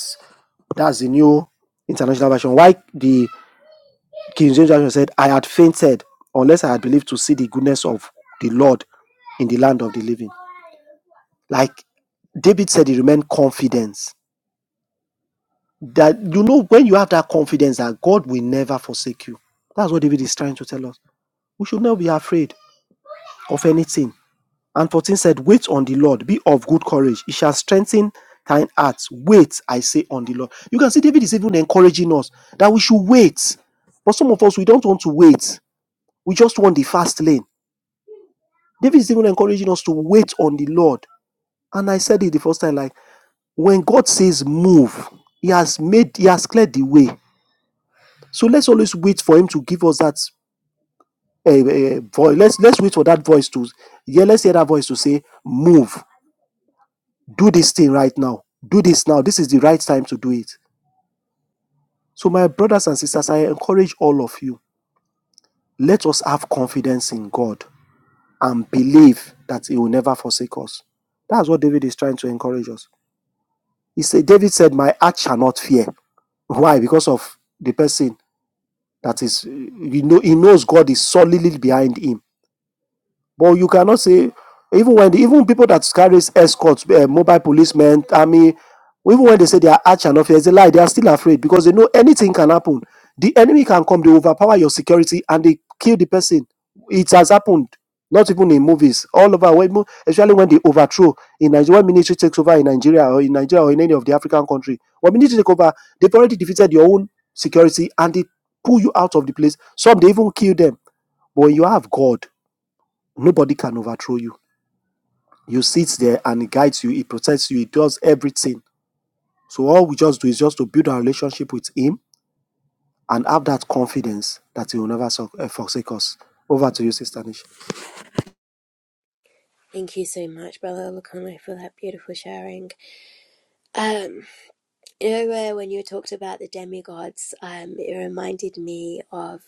B: That's the new international version. Why the King James Version said, I had fainted unless I had believed to see the goodness of the Lord in the land of the living. Like David said, he remained confident that you know when you have that confidence that God will never forsake you. That's what David is trying to tell us. We should not be afraid of anything. And 14 said, Wait on the Lord, be of good courage. He shall strengthen thine heart. Wait, I say, on the Lord. You can see David is even encouraging us that we should wait. But some of us, we don't want to wait. We just want the fast lane David is even encouraging us to wait on the Lord. And I said it the first time like, when God says move, He has made, He has cleared the way. So let's always wait for Him to give us that uh, uh, voice. Let's let's wait for that voice to, yeah, let's hear that voice to say, move, do this thing right now, do this now. This is the right time to do it. So my brothers and sisters, I encourage all of you. Let us have confidence in God and believe that He will never forsake us. That's what David is trying to encourage us. He said, David said, My heart shall not fear. Why? Because of the person that is, you know, he knows God is solidly behind him. But you cannot say even when the, even people that carries escorts, uh, mobile policemen, army, even when they say they are arch and officer, it's a lie. They are still afraid because they know anything can happen. The enemy can come, they overpower your security and they kill the person. It has happened. Not even in movies, all over, when especially when they overthrow in Nigeria, when military takes over in Nigeria or in Nigeria or in any of the African country. When military take over, they've already defeated your own security and they pull you out of the place. Some they even kill them. But when you have God. Nobody can overthrow you. You sit there and he guides you, he protects you, he does everything. So all we just do is just to build our relationship with him and have that confidence that he will never so- uh, forsake us. Over to you, Sister Nisha.
A: Thank you so much, Brother Olakone, for that beautiful sharing. Um, You know, where when you talked about the demigods, um, it reminded me of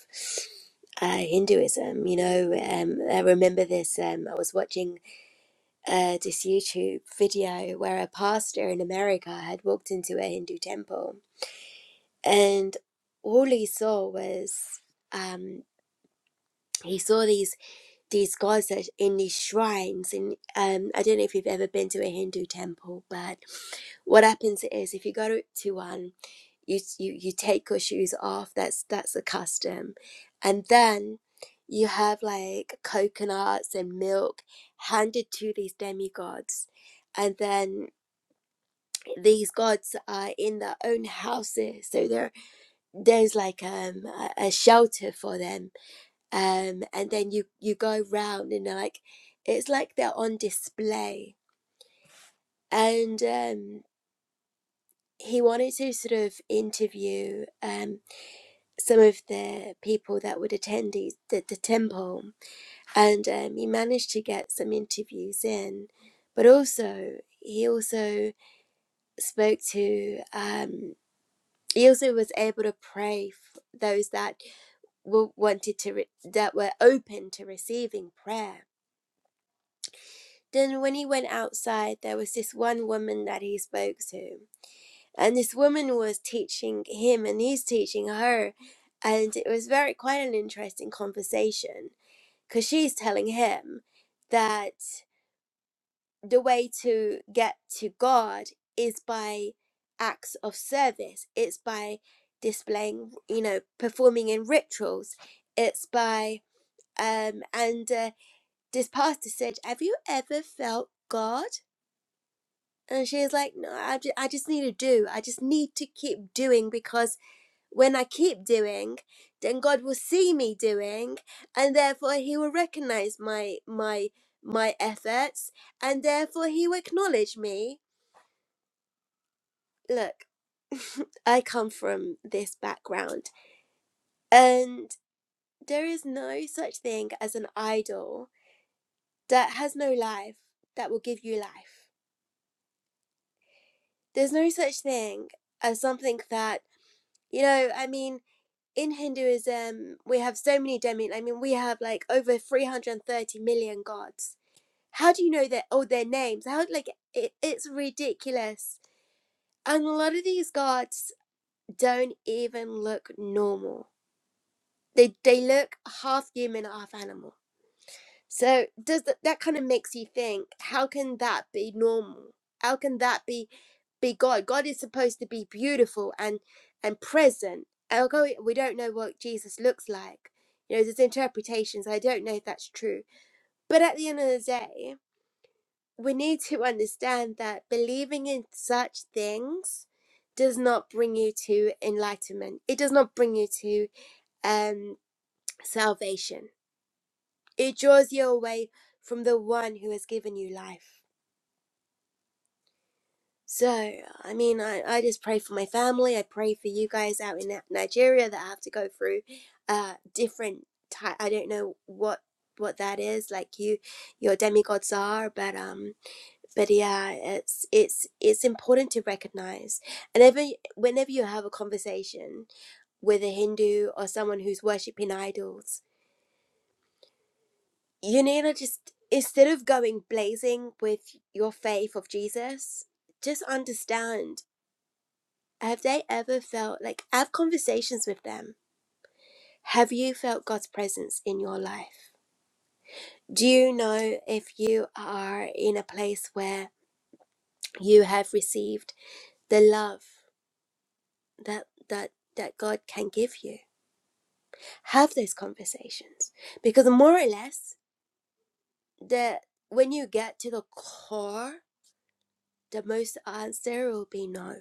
A: uh, Hinduism. You know, um, I remember this. Um, I was watching uh, this YouTube video where a pastor in America had walked into a Hindu temple, and all he saw was um, he saw these these gods that in these shrines. And um, I don't know if you've ever been to a Hindu temple, but what happens is if you go to to one. you you you take your shoes off that's that's a custom and then you have like coconuts and milk handed to these demigods and then these gods are in their own houses so there there's like um a, a shelter for them um and then you you go round and like it's like they're on display and um he wanted to sort of interview um some of the people that would attend the, the, the temple, and um, he managed to get some interviews in. But also, he also spoke to. Um, he also was able to pray for those that were wanted to re- that were open to receiving prayer. Then, when he went outside, there was this one woman that he spoke to, and this woman was teaching him, and he's teaching her, and it was very quite an interesting conversation because she's telling him that the way to get to God is by acts of service, it's by displaying, you know, performing in rituals, it's by, um, and uh, this pastor said, Have you ever felt God? And she was like, No, I just, I just need to do. I just need to keep doing because when I keep doing, then God will see me doing, and therefore He will recognize my my my efforts, and therefore He will acknowledge me. Look, I come from this background, and there is no such thing as an idol that has no life that will give you life. There's no such thing as something that you know. I mean. In Hinduism, we have so many demi. I mean, we have like over 330 million gods How do you know their oh their names? How like it, it's ridiculous. And a lot of these gods don't even look normal. They they look half human, half animal. So does that that kind of makes you think? How can that be normal? How can that be be God? God is supposed to be beautiful and and present. Although we don't know what Jesus looks like, you know, there's interpretations. I don't know if that's true. But at the end of the day, we need to understand that believing in such things does not bring you to enlightenment. It does not bring you to um, salvation. It draws you away from the one who has given you life. So, I mean, I, I just pray for my family. I pray for you guys out in Ni- Nigeria that have to go through uh, different. type. I don't know what what that is like. You, your demigods are, but um, but yeah it's it's it's important to recognize and every whenever you have a conversation with a hindu or someone who's worshipping idols you need to just instead of going blazing with your faith of jesus just understand have they ever felt like have conversations with them have you felt god's presence in your life do you know if you are in a place where you have received the love that that that God can give you. Have those conversations because more or less the when you get to the core, the most answer will be no.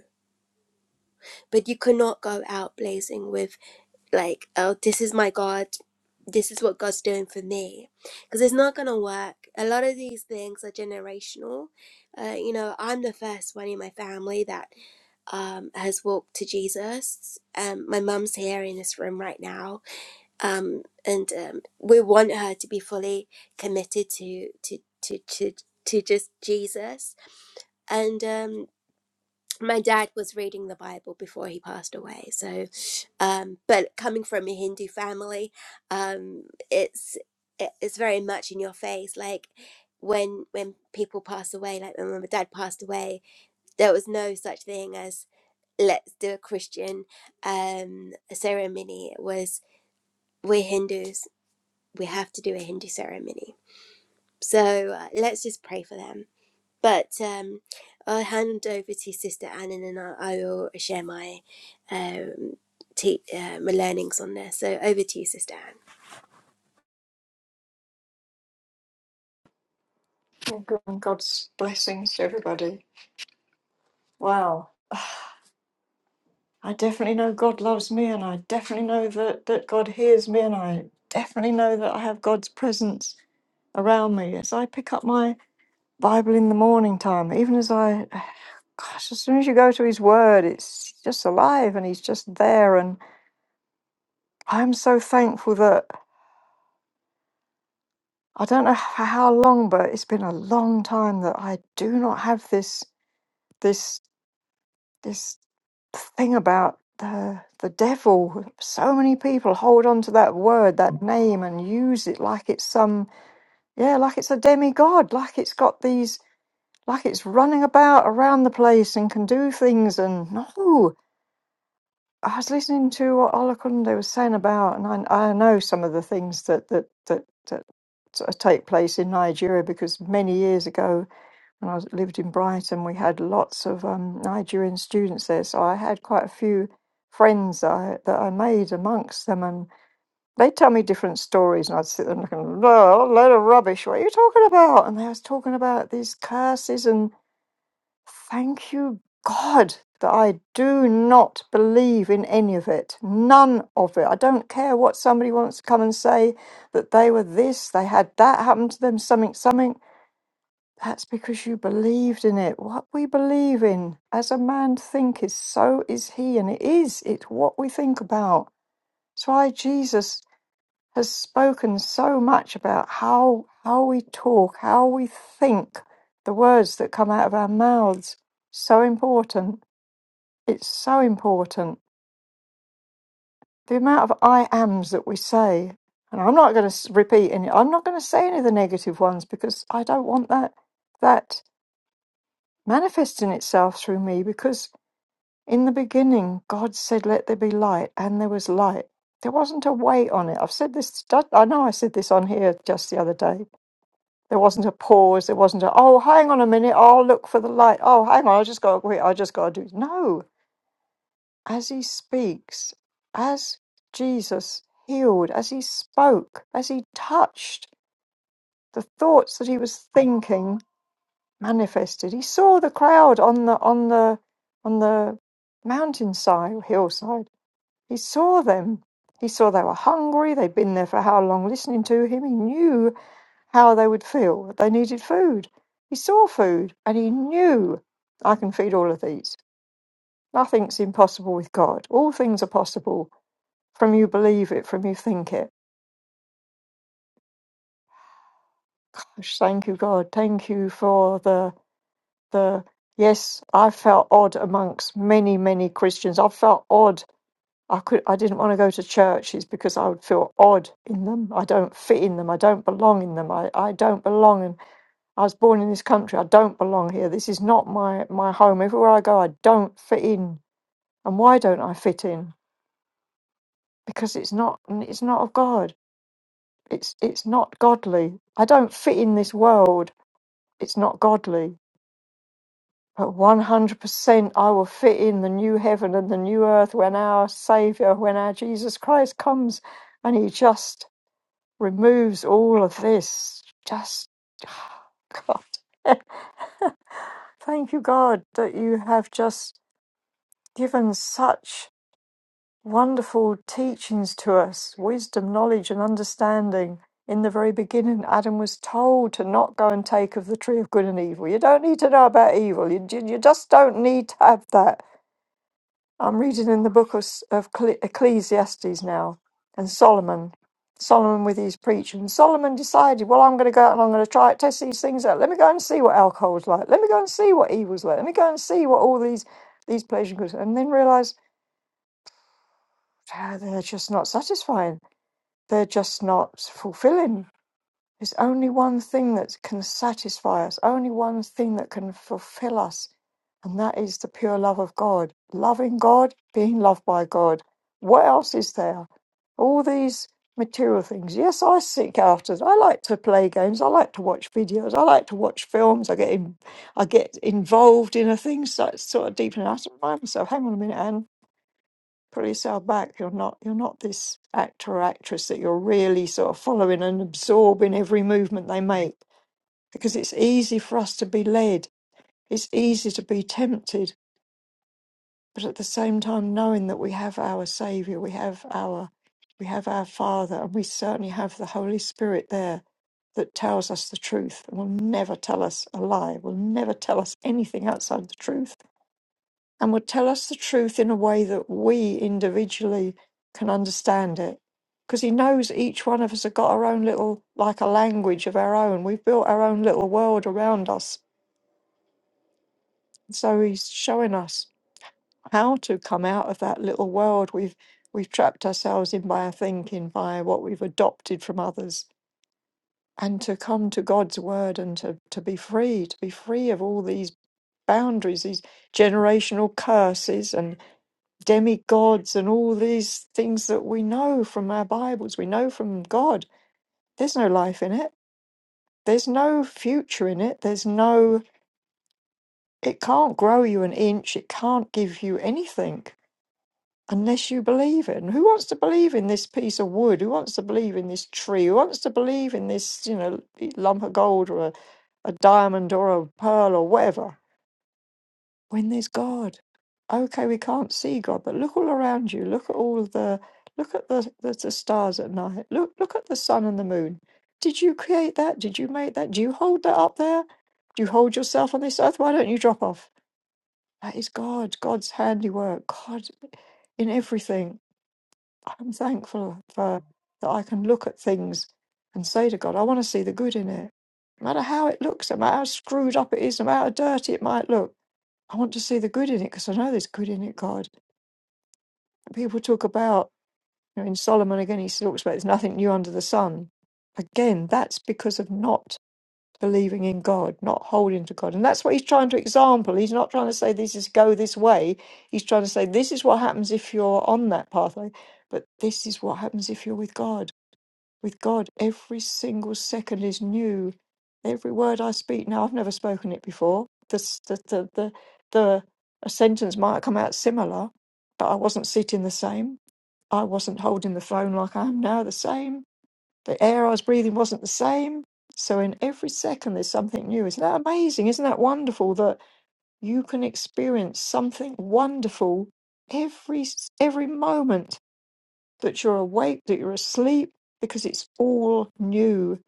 A: But you cannot go out blazing with like, oh, this is my God, this is what God's doing for me, because it's not gonna work. A lot of these things are generational. Uh, you know, I'm the first one in my family that um, has walked to Jesus. Um, my mum's here in this room right now um, and um, we want her to be fully committed to to to to, to just Jesus. And um, my dad was reading the Bible before he passed away, so um, but coming from a Hindu family, um, it's it- it's very much in your face, like. When when people pass away, like when my dad passed away, there was no such thing as let's do a Christian um, ceremony. It was we're Hindus, we have to do a Hindu ceremony. So uh, let's just pray for them. But um, I'll hand over to Sister Annan and I, I will share my um, te- uh, my learnings on this. So over to you, Sister Anne.
C: Oh, God- God's blessings to everybody. Wow. I definitely know God loves me, and I definitely know that, that God hears me, and I definitely know that I have God's presence around me. As I pick up my Bible in the morning time, even as I, gosh, as soon as you go to His Word, it's just alive and He's just there. And I'm so thankful that I don't know for how long, but it's been a long time that I do not have this. This this thing about the the devil. So many people hold on to that word, that name, and use it like it's some yeah, like it's a demigod, like it's got these, like it's running about around the place and can do things. And no, I was listening to what Olakunde was saying about, and I, I know some of the things that that that that sort of take place in Nigeria because many years ago when I was, lived in Brighton, we had lots of um, Nigerian students there, so I had quite a few friends that I, that I made amongst them, and they'd tell me different stories, and I'd sit there and looking, "Oh, load of rubbish, what are you talking about? And they was talking about these curses, and thank you, God, that I do not believe in any of it, none of it. I don't care what somebody wants to come and say that they were this, they had that happen to them, something, something. That's because you believed in it. What we believe in, as a man thinketh, so is he. And it is, it's what we think about. That's why Jesus has spoken so much about how, how we talk, how we think, the words that come out of our mouths. So important. It's so important. The amount of I ams that we say, and I'm not going to repeat any, I'm not going to say any of the negative ones because I don't want that. That manifesting itself through me because in the beginning God said, Let there be light, and there was light. There wasn't a wait on it. I've said this, I know I said this on here just the other day. There wasn't a pause. There wasn't a, oh, hang on a minute. I'll look for the light. Oh, hang on. I just got to wait. I just got to do. No. As he speaks, as Jesus healed, as he spoke, as he touched the thoughts that he was thinking, manifested. He saw the crowd on the on the on the mountainside or hillside. He saw them. He saw they were hungry. They'd been there for how long listening to him. He knew how they would feel. They needed food. He saw food and he knew I can feed all of these. Nothing's impossible with God. All things are possible from you believe it, from you think it. Gosh, thank you, God. Thank you for the the yes, I felt odd amongst many, many Christians. I felt odd. I could I didn't want to go to churches because I would feel odd in them. I don't fit in them. I don't belong in them. I, I don't belong and I was born in this country. I don't belong here. This is not my, my home. Everywhere I go I don't fit in. And why don't I fit in? Because it's not it's not of God. It's it's not godly. I don't fit in this world. It's not godly But 100% I will fit in the new heaven and the new earth when our Savior, when our Jesus Christ comes and He just removes all of this. Just, God. Thank you, God, that you have just given such wonderful teachings to us wisdom, knowledge, and understanding. In the very beginning, Adam was told to not go and take of the tree of good and evil. You don't need to know about evil. You, you you just don't need to have that I'm reading in the book of, S- of Cle- Ecclesiastes now, and Solomon, Solomon with his preaching. Solomon decided, well, I'm going to go out and I'm going to try it, test these things out. Let me go and see what alcohol's like. Let me go and see what evil's like. Let me go and see what all these these pleasure goods, and then realize ah, they're just not satisfying. They're just not fulfilling there's only one thing that can satisfy us, only one thing that can fulfill us, and that is the pure love of God. Loving God, being loved by God. What else is there? All these material things. Yes, I seek after. them. I like to play games. I like to watch videos. I like to watch films. I get in, I get involved in a thing so it's sort of deep in. I to remind myself. Hang on a minute, Anne pull yourself back. You're not you're not this actor or actress that you're really sort of following and absorbing every movement they make. Because it's easy for us to be led. It's easy to be tempted, but at the same time knowing that we have our Saviour, we have our we have our Father, and we certainly have the Holy Spirit there that tells us the truth and will never tell us a lie, will never tell us anything outside the truth and would tell us the truth in a way that we individually can understand it. Because he knows each one of us have got our own little, like a language of our own. We've built our own little world around us. So he's showing us how to come out of that little world we've we've trapped ourselves in by our thinking, by what we've adopted from others, and to come to God's word and to, to be free, to be free of all these boundaries, these generational curses demigods and all these things that we know from our Bibles, we know from God. There's no life in it. There's no future in it. There's no, it can't grow you an inch. It can't give you anything unless you believe it. And who wants to believe in this piece of wood? Who wants to believe in this tree? Who wants to believe in this, you know, lump of gold or a, a diamond or a pearl or whatever? when there's God. Okay, we can't see God, but look all around you. Look at all the look at the, the, the stars at night. Look look at the sun and the moon. Did you create that? Did you make that? Do you hold that up there? Do you hold yourself on this earth? Why don't you drop off? That is God, God's handiwork, God in everything. I'm thankful for that I can look at things and say to God, I want to see the good in it. No matter how it looks, no matter how screwed up it is, no matter how dirty it might look. I want to see the good in it because I know there's good in it, God. People talk about, you know, in Solomon again, he talks about there's nothing new under the sun. Again, that's because of not believing in God, not holding to God. And that's what he's trying to example. He's not trying to say this is go this way. He's trying to say this is what happens if you're on that pathway, but this is what happens if you're with God with God. Every single second is new. Every word I speak now, I've never spoken it before. The, s- the, the, the, the a sentence might come out similar, but I wasn't sitting the same. I wasn't holding the phone like I am now the same. The air I was breathing wasn't the same. So in every second, there's something new. Isn't that amazing? Isn't that wonderful that you can experience something wonderful every s- every moment? that you're awake, that you're asleep, because it's all new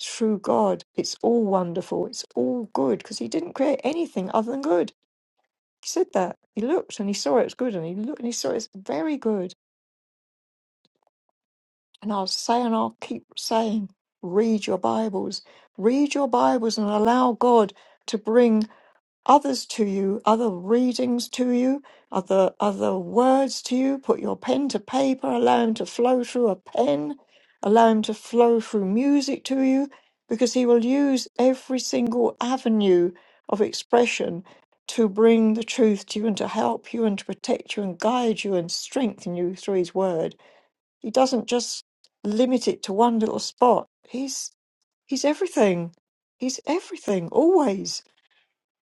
C: through God. It's all wonderful. It's all good because He didn't create anything other than good. He said that. He looked and He saw it was good, and He looked and He saw it's very good. And I'll say and I'll keep saying, read your Bibles, read your Bibles and allow God to bring. others to you, other readings to you, other other words to you. Put your pen to paper, allow him to flow through a pen, allow him to flow through music to you, because he will use every single avenue of expression to bring the truth to you and to help you and to protect you and guide you and strengthen you through his word. He doesn't just limit it to one little spot. He's he's everything. He's everything, always.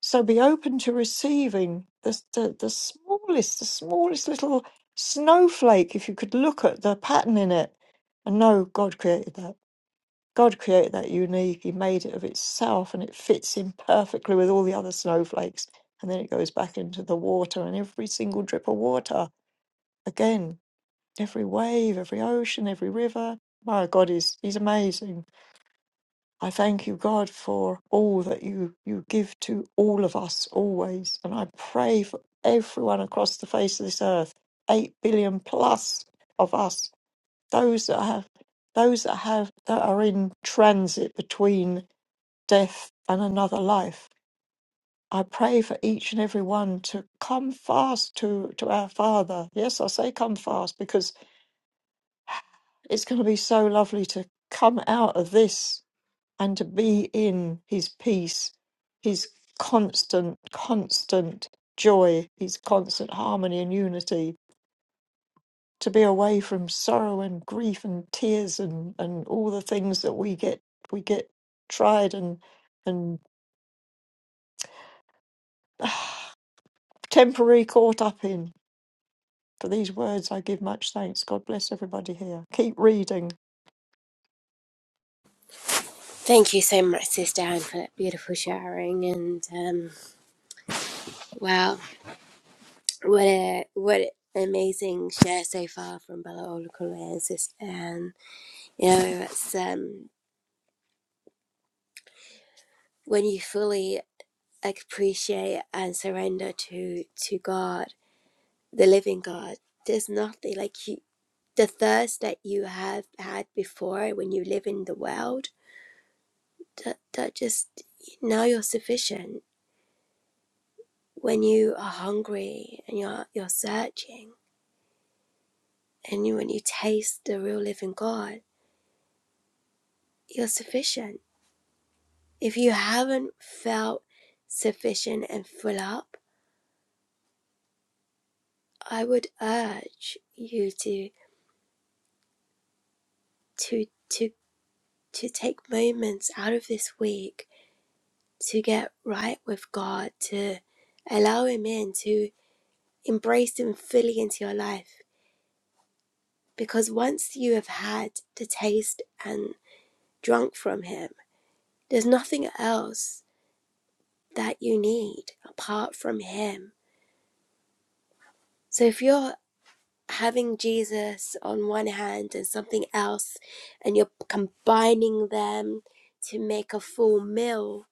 C: So be open to receiving the, the, the smallest, the smallest little snowflake. If you could look at the pattern in it and know God created that. God created that unique. He made it of itself and it fits in perfectly with all the other snowflakes. And then it goes back into the water, and every single drip of water, again, every wave, every ocean, every river. My God, is he's, he's amazing. I thank you, God, for all that you, you give to all of us always. And I pray for everyone across the face of this earth, 8 billion plus of us, those that have those that have that are in transit between death and another life. I pray for each and every one to come fast to, to our Father. Yes, I say come fast because it's going to be so lovely to come out of this. and to be in his peace, his constant, constant joy, his constant harmony and unity, to be away from sorrow and grief and tears and, and all the things that we get we get tried and and temporarily caught up in. For these words I give much thanks. God bless everybody here. Keep reading.
A: Thank you so much, Sister Anne, for that beautiful sharing. And um, wow, what a what an amazing share so far from Bella Olukule and Sister Anne. You know, it's um, when you fully appreciate and surrender to to God the living God. There's nothing like you. The thirst that you have had before when you live in the world, that, that just now you're sufficient. When you are hungry and you're you're searching, and you, when you taste the real living God, you're sufficient. If you haven't felt sufficient and full up, I would urge you to to to to take moments out of this week to get right with God, to allow Him in, to embrace Him fully into your life. Because once you have had the taste and drunk from Him, there's nothing else that you need apart from Him. So if you're having Jesus on one hand and something else, and you're combining them to make a full meal,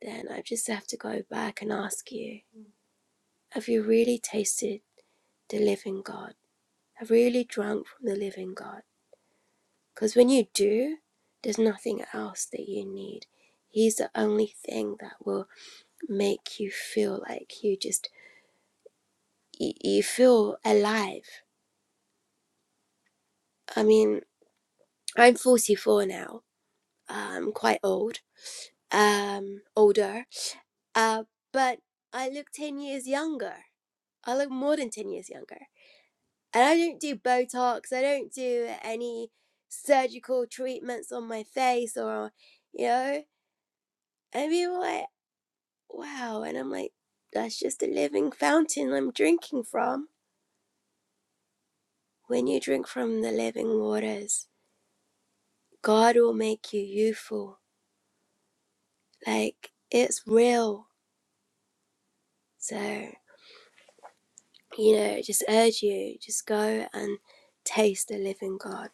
A: then I just have to go back and ask you have you really tasted the living God? Have really drunk from the living God. Because when you do, there's nothing else that you need. He's the only thing that will make you feel like you just, you, you feel alive. I mean, I'm 44 now. I'm quite old, um, older. Uh, but I look 10 years younger. I look more than 10 years younger. And I don't do Botox. I don't do any surgical treatments on my face or, you know, i we were like, wow. And I'm like, that's just a living fountain I'm drinking from. When you drink from the living waters, God will make you youthful. Like, it's real. So, you know, just urge you, just go and taste the living God.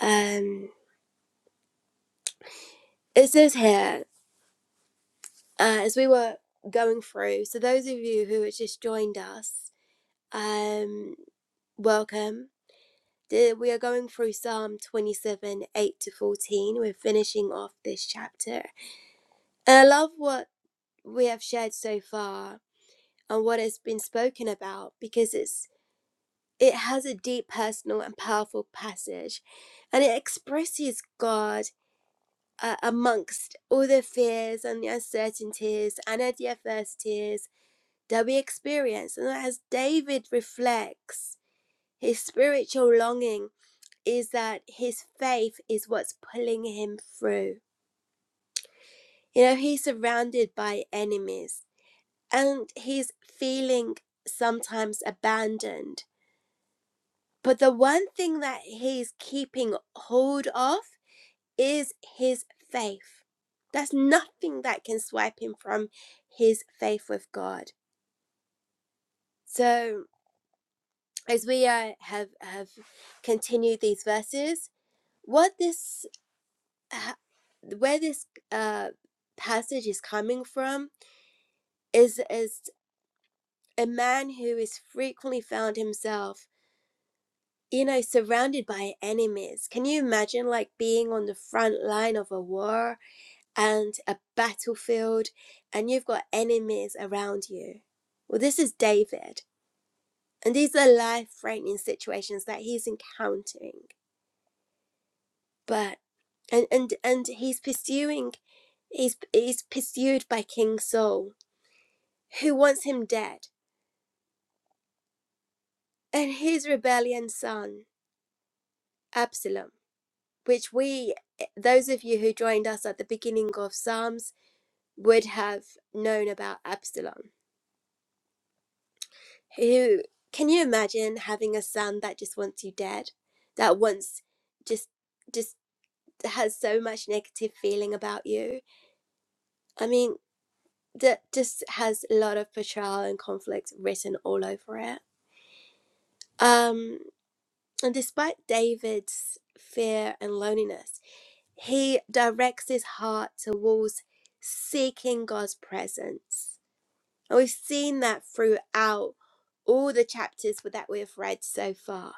A: Um, it says here, uh, as we were going through, so those of you who have just joined us, um, welcome The- We are going through Psalm 27 8 to 14. We're finishing off this chapter. And I love what we have shared so far and what has been spoken about because it's it has a deep personal and powerful passage and it expresses God uh, amongst all the fears and the uncertainties and the adversities that we experience. And as David reflects his spiritual longing is that his faith is what's pulling him through. You know, he's surrounded by enemies and he's feeling sometimes abandoned. But the one thing that he's keeping hold of is his faith. There's nothing that can swipe him from his faith with God. So, as we uh, have have continued these verses, what this ha- where this uh, passage is coming from is is a man who is frequently found himself you know surrounded by enemies can you imagine like being on the front line of a war and a battlefield and you've got enemies around you well this is david and these are life threatening situations that he's encountering but and and and he's pursuing he's he's pursued by king saul who wants him dead, and his rebellion son, Absalom, which we, eh, those of you who joined us at the beginning of Psalms, would have known about Absalom. Who can you imagine having a son that just wants you dead, that wants just just has so much negative feeling about you? I mean, that just has a lot of betrayal and conflict written all over it. Um, and despite David's fear and loneliness, He directs his heart towards seeking God's presence. And we've seen that throughout all the chapters that we've read so far.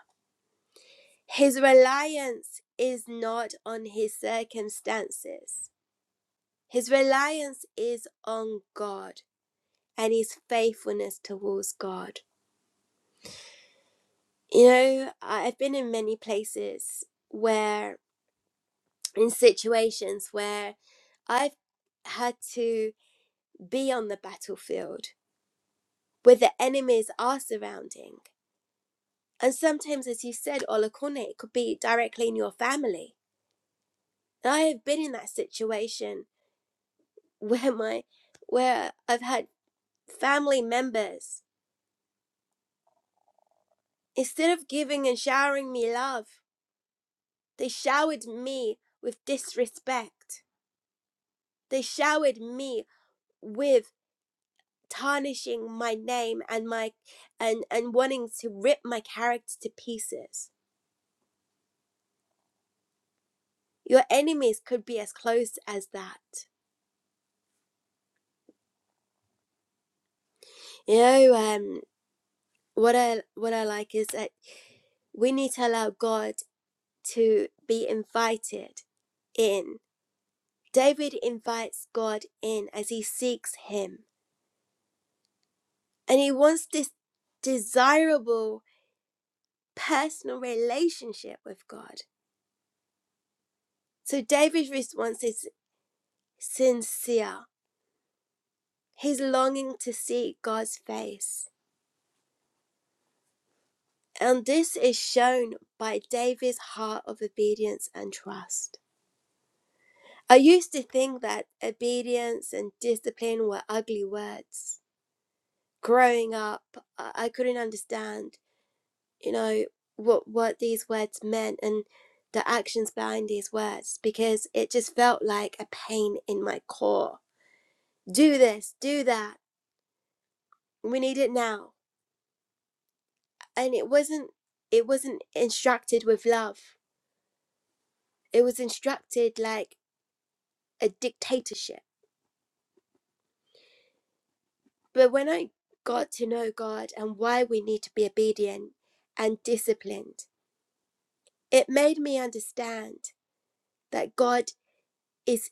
A: His reliance is not on his circumstances, his reliance is on God and his faithfulness towards God. You know, I- have been in many places where, in situations where I've had to be on the battlefield where the enemies are surrounding. And sometimes, as you said, Olakone, it could be directly in your family. And I have been in that situation where my where I've had family members, instead of giving and showering me love, they showered me with disrespect. They showered me with tarnishing my name and my and and wanting to rip my character to pieces. Your enemies could be as close as that. You know, um, what I what I like is that we need to allow God to be invited in. David invites God in as he seeks Him, and he wants this desirable personal relationship with God. So David's response is sincere. He's longing to see God's face, and this is shown by David's heart of obedience and trust. I used to think that obedience and discipline were ugly words. Growing up, I I couldn't understand, you know, what what these words meant and the actions behind these words because it just felt like a pain in my core. Do this, do that. We need it now. And it wasn't it wasn't instructed with love. It was instructed like a dictatorship But when I got to know God and why we need to be obedient and disciplined, it made me understand that God is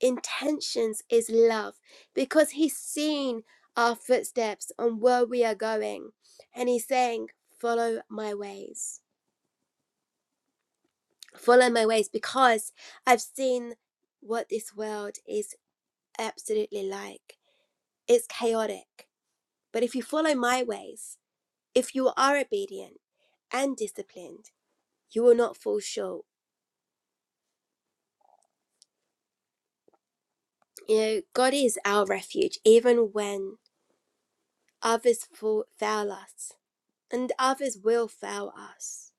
A: intentions is love because he's seen our footsteps on where we are going and he's saying follow my ways follow my ways because i've seen what this world is absolutely like it's chaotic but if you follow my ways If you are obedient and disciplined, you will not fall short. You know, God is our refuge even when others fall, fail us, and others will fail us.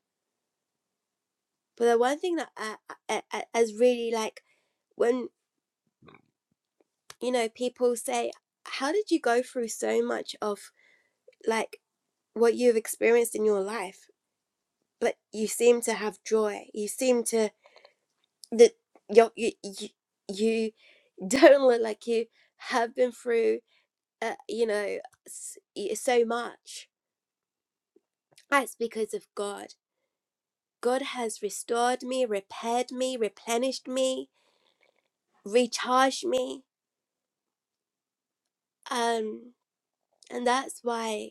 A: But the one thing that I, I, I, is really like when you know people say, "How did you go through so much of like what you've experienced in your life? Like you seem to have joy. You seem to that you you you you don't look like you have been through." uh, you know, so much. That's because of God. God has restored me, repaired me, replenished me, recharged me. Um, and that's why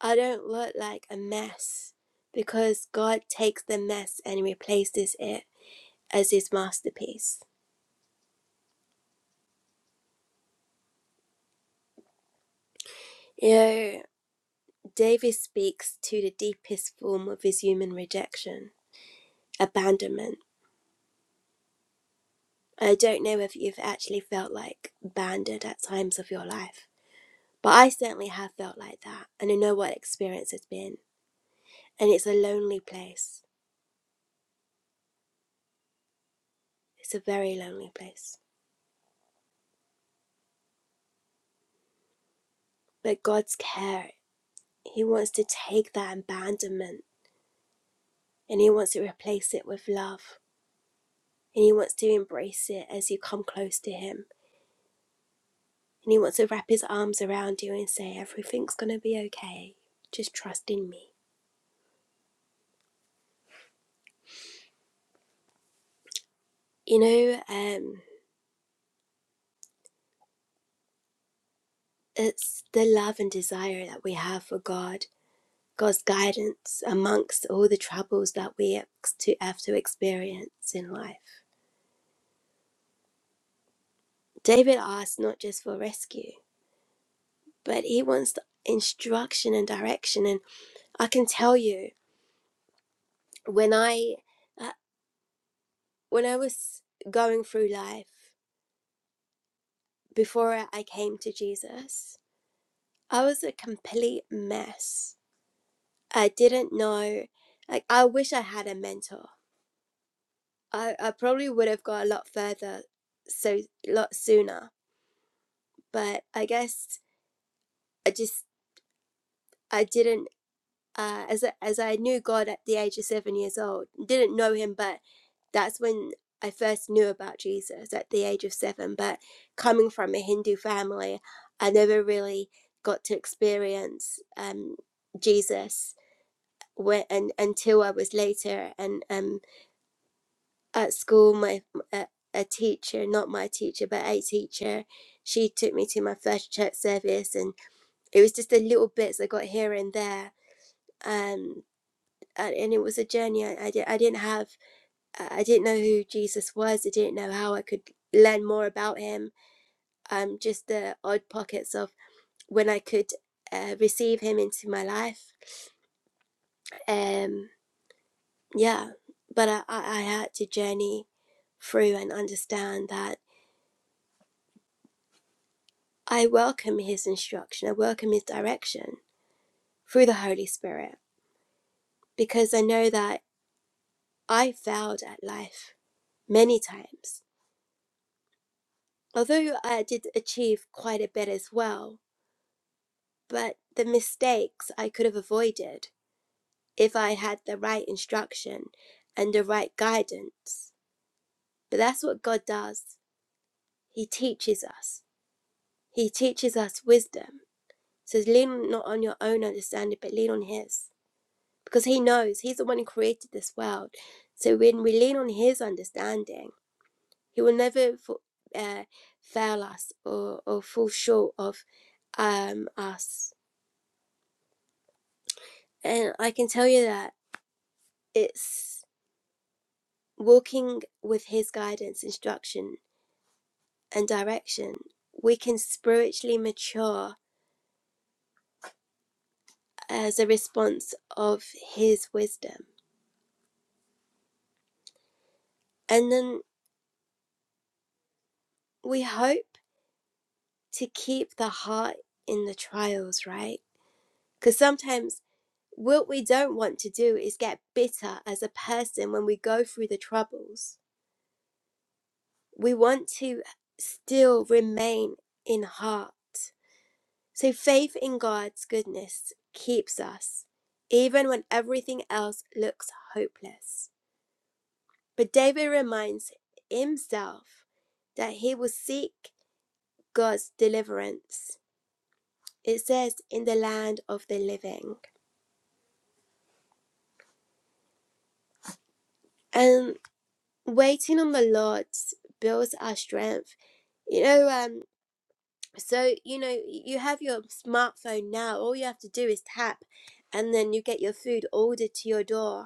A: I don't look like a mess because God takes the mess and replaces it as his masterpiece. You know, David speaks to the deepest form of his human rejection, abandonment. I don't know if you've actually felt like abandoned at times of your life But I certainly have felt like that, and I know what experience it's been. And it's a lonely place. It's a very lonely place. But God's care, He wants to take that abandonment and He wants to replace it with love. And He wants to embrace it as you come close to Him. And He wants to wrap His arms around you and say, Everything's going to be okay. Just trust in me. You know, um, it's the love and desire that we have for God God's guidance amongst all the troubles that we ex- to have to experience in life. David asks not just for rescue, but he wants the instruction and direction. And I can tell you, when I uh, when I was going through life before I came to Jesus, I was a complete mess. I didn't know. Like I wish I had a mentor. I, I probably would have got a lot further so a lot sooner but I guess I just I didn't uh, as I, as I knew God at the age of seven years old, didn't know Him, but that's when I first knew about Jesus at the age of seven. But coming from a Hindu family, I never really got to experience um, Jesus when, and, until I was later and um, at school. My a, a teacher, not my teacher, but a teacher, she took me to my first church service, and it was just the little bits I got here and there. Um, and, and it was a journey I, I, di- I didn't have i didn't know who jesus was i didn't know how i could learn more about him um just the odd pockets of when i could uh, receive him into my life um yeah but I, I i had to journey through and understand that i welcome his instruction i welcome his direction through the holy spirit because i know that i failed at life many times although i did achieve quite a bit as well but the mistakes I could have avoided if I had the right instruction and the right guidance. But that's what God does. He teaches us. He teaches us wisdom. Says lean not on your own understanding, but lean on His, because He knows He's the one who created this world. So when we lean on His understanding, He will never uh, fail us or or fall short of um us. And I can tell you that it's Walking with His guidance, instruction, and direction, we can spiritually mature as a response of His wisdom. And then we hope to keep the heart in the trials, right? Because sometimes what we don't want to do is get bitter as a person when we go through the troubles. We want to still remain in heart. So faith in God's goodness keeps us, even when everything else looks hopeless. But David reminds himself that he will seek God's deliverance. It says, in the land of the living. And waiting on the Lord builds our strength. You know, um, so, you know, you have your smartphone now. All you have to do is tap, and then you get your food ordered to your door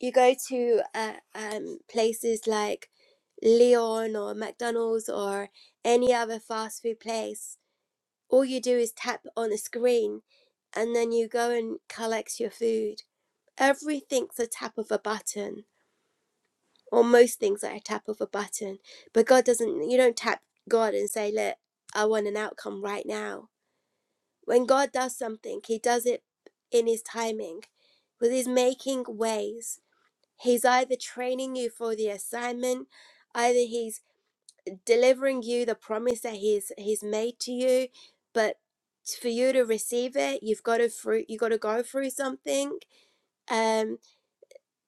A: you go to uh, um, places like Leon or McDonald's or any other fast food place, all you do is tap on a screen and then you go and collect your food. Everything's a tap of a button, or most things are a tap of a button. But God doesn't, you don't tap God and say, Look, I want an outcome right now. When God does something, He does it in His timing, with His making ways He's either training you for the assignment, either he's delivering you the promise that he's he's made to you, but for you to receive it, you've got to through you got to go through something, um,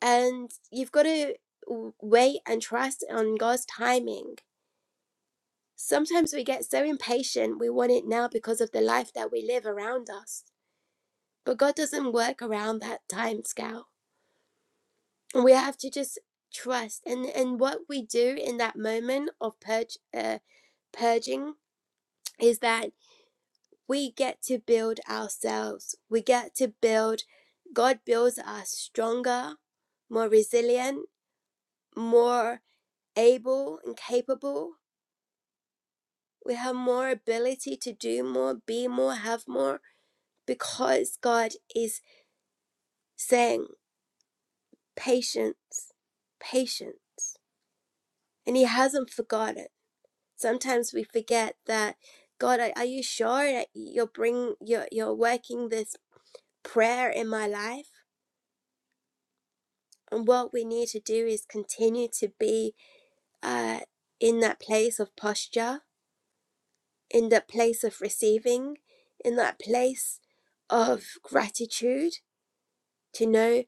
A: and you've got to w- wait and trust on God's timing. Sometimes we get so impatient, we want it now because of the life that we live around us, but God doesn't work around that time scale. we have to just trust and and what we do in that moment of purge uh, purging is that we get to build ourselves we get to build god builds us stronger more resilient more able and capable we have more ability to do more be more have more because god is saying patience patience and he hasn't forgotten sometimes we forget that god are, are you sure that you're bring you're, you're working this prayer in my life and what we need to do is continue to be uh, in that place of posture in that place of receiving in that place of gratitude to know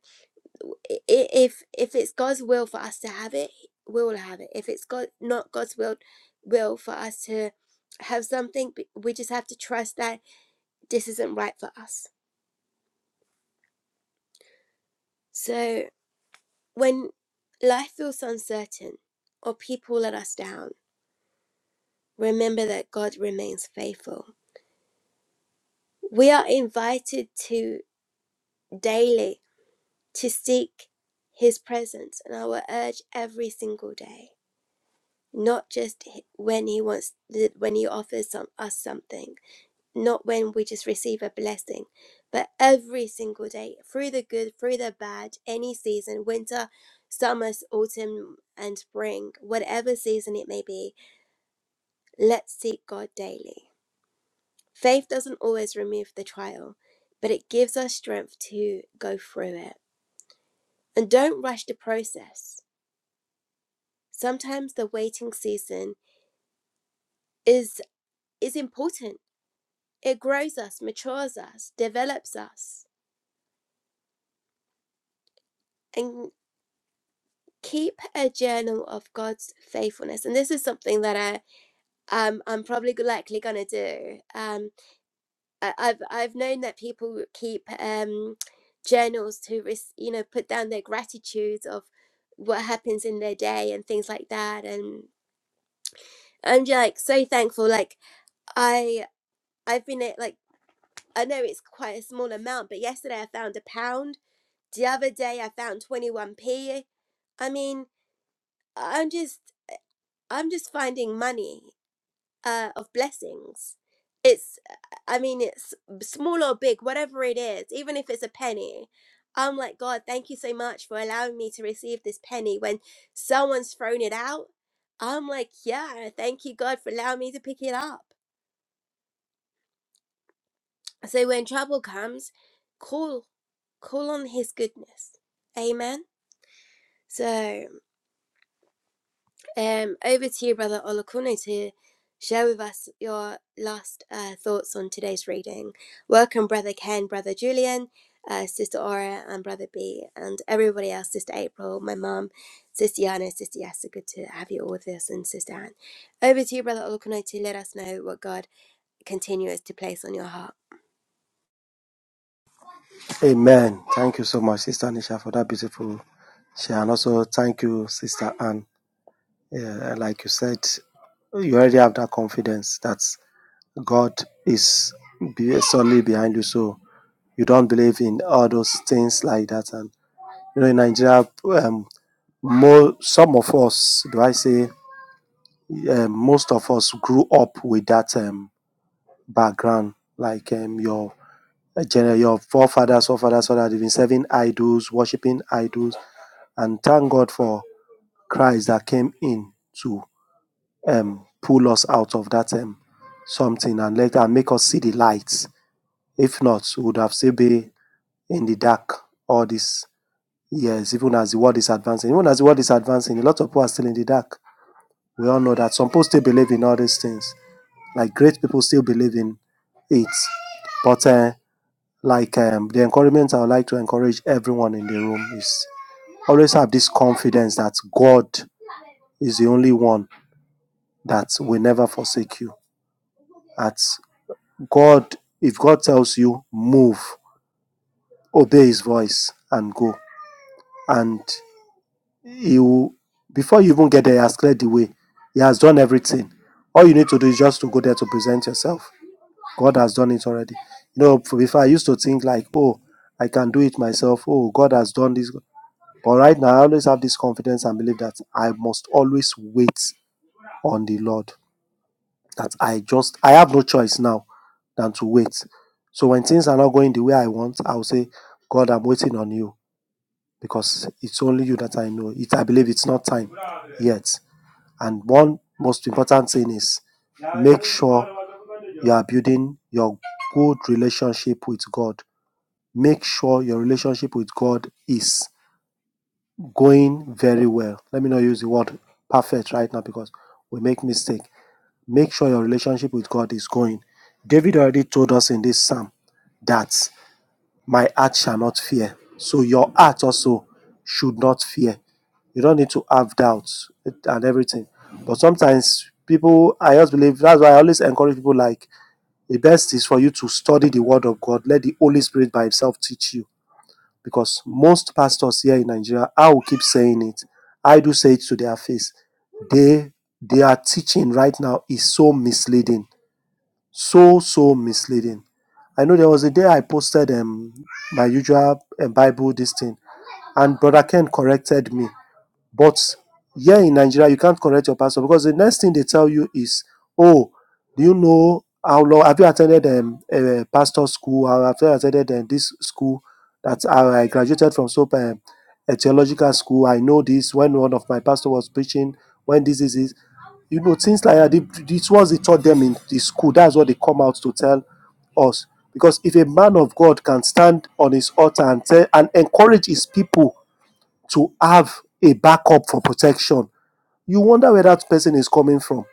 A: i- if if it's god's will for us to have it we will have it if it's god not god's will will for us to have something we just have to trust that this isn't right for us. So when life feels uncertain or people let us down, remember that God remains faithful. We are invited to daily to seek his presence and I will urge every single day, not just when he wants when he offers some, us something not when we just receive a blessing, but every single day, through the good, through the bad, any season, winter, summer, autumn, and spring, whatever season it may be, let's seek God daily. Faith doesn't always remove the trial, but it gives us strength to go through it. And don't rush the process. Sometimes the waiting season is is important. It grows us, matures us, develops us. and. keep a journal of God's faithfulness, and this is something that I um I'm probably g- likely gonna do. Um, I, I've I've known that people keep um journals to res- you know put down their gratitudes of what happens in their day and things like that, and I'm just, like so thankful. Like I I've been at, like I know it's quite a small amount, but yesterday I found a pound. The other day I found twenty one p. I mean, I'm just I'm just finding money. uh, of blessings. It's, I mean, it's small or big, whatever it is, even if it's a penny. I'm like, God, thank you so much for allowing me to receive this penny. When someone's thrown it out, I'm like, yeah, thank you, God, for allowing me to pick it up. So when trouble comes, call, call on His goodness. Amen. So. Um, over to you, Brother Olakune, to share with us your last uh, thoughts on today's reading. Welcome, Brother Ken, Brother Julian, uh, Sister Aura, and Brother B, and everybody else, Sister April, my mum, Sister Yana, Sister Yasa. Good to have you all with us, and Sister Anne. Over to you, Brother Olakune, to let us know what God continues to place on your heart.
B: Amen. Thank you so much, Sister Nisha, for that beautiful share. And also, thank you, Sister Anne. Yeah, like you said, you already have that confidence that God is be- solely behind you. So you don't believe in all those things like that. And, you know, in Nigeria, um, More, some of us, do I say, um, most of us grew up with that um, background. Like um, your gener- your forefathers, forefathers, forefathers, they've been serving idols, worshiping idols, and thank God for Christ that came in to um, pull us out of that um, something and let and make us see the light. If not, we would have still be in the dark all these years, even as the world is advancing. Even as the world is advancing, a lot of people are still in the dark we all know that some people still believe in all these things. Like great people still believe in it. But uh, like um, the encouragement I would like to encourage everyone in the room is always have this confidence that God is the only one that will never forsake you. That God, if God tells you move, obey His voice and go, and He will. Before you even get there, He has cleared the way. He has done everything. All you need to do is just to go there to present yourself. God has done it already. You know, f- before I used to think like, oh, I can do it myself. Oh, God has done this. But right now, I always have this confidence and believe that I must always wait on the Lord. That I just, I have no choice now than to wait. So when things are not going the way I want, I'll say, God, I'm waiting on you because it's only you that I know. It, I believe it's not time yet. And one most important thing is make sure you are building your good relationship with God. Make sure your relationship with God is going very well. Let me not use the word perfect right now because we make mistake. Make sure your relationship with God is going. David already told us in this psalm that my heart shall not fear. So your heart also should not fear. You don't need to have doubts and everything. But sometimes people, I just believe that's why I always encourage people like the best is for you to study the word of God. Let the Holy Spirit by Himself teach you. Because most pastors here in Nigeria, I will keep saying it. I do say it to their face. They their teaching right now is so misleading so so misleading. I know there was a day I posted um my usual um, Bible this thing, and Brother Ken corrected me. But here in Nigeria, you can't correct your pastor because the next thing they tell you is, "Oh, do you know how long have you attended um, a pastor school? Or have you attended um, this school that I I graduated from so um, a theological school? I know this when one of my pastor was preaching. When this is this, you know things like that. The- This was they taught them in the school. That's what they come out to tell us. Because if a man of God can stand on his altar and tell and encourage his people to have a backup for protection. You wonder where that person is coming from.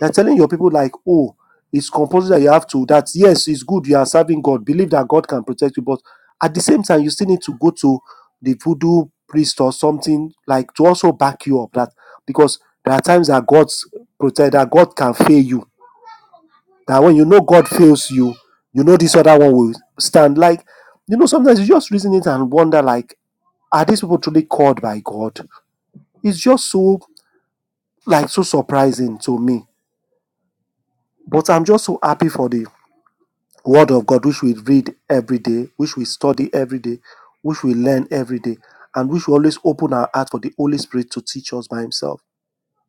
B: they are telling your people like, oh, it's compulsory that you have to. That yes, it's good. You are serving God. Believe that God can protect you, but at the same time, you still need to go to the voodoo priest or something like to also back you up. That because there are times that God's protect that God can fail you. That when you know God fails you, you know this other one will stand. Like you know, sometimes you just reason it and wonder like, are these people truly called by God? It's just so like so surprising to me. But I'm just so happy for the word of God which we read every day, which we study every day, which we learn every day, and which we always open our heart for the Holy Spirit to teach us by Himself.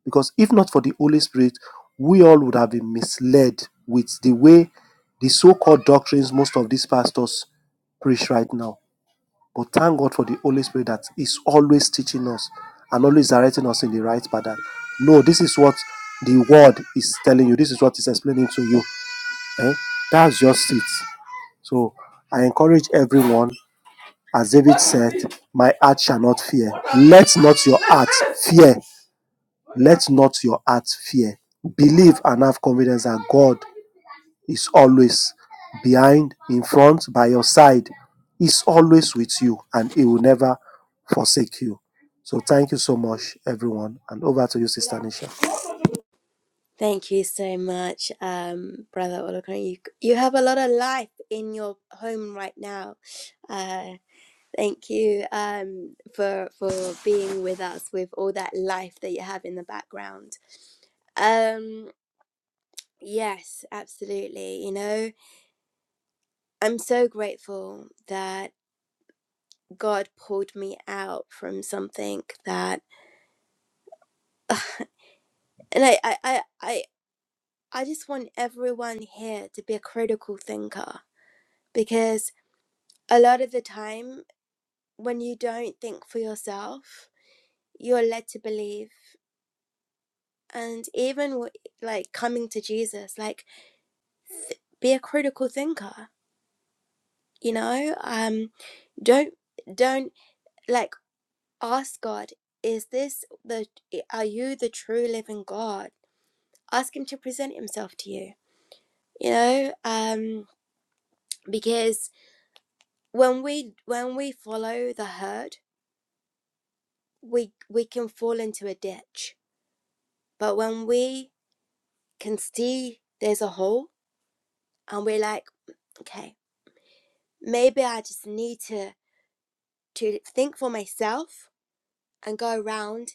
B: Because if not for the Holy Spirit, we all would have been misled with the way the so-called doctrines most of these pastors preach right now But thank God for the Holy Spirit that is always teaching us and always directing us in the right path. no, this is what the word is telling you. This is what it's explaining to you. Eh? That's just it. So I encourage everyone, as David said, my heart shall not fear. Let not your heart fear. Let not your heart fear. Believe and have confidence that God is always behind, in front, by your side. He's always with you and he will never forsake you. So thank you so much, everyone. And over to you, Sister Nisha.
A: Thank you so much, um, Brother Olakune. You, you have a lot of life in your home right now. Uh, Thank you um, for for being with us with all that life that you have in the background. Um, yes, absolutely. You know, I'm so grateful that God pulled me out from something that, and I, I, I, I, I just want everyone here to be a critical thinker because a lot of the time when you don't think for yourself, you're led to believe. And even w- like coming to Jesus, like be a critical thinker you know um don't don't like ask god is this the are you the true living god ask him to present himself to you you know um because when we when we follow the herd we we can fall into a ditch but when we can see there's a hole and we're like okay maybe i just need to to think for myself and go around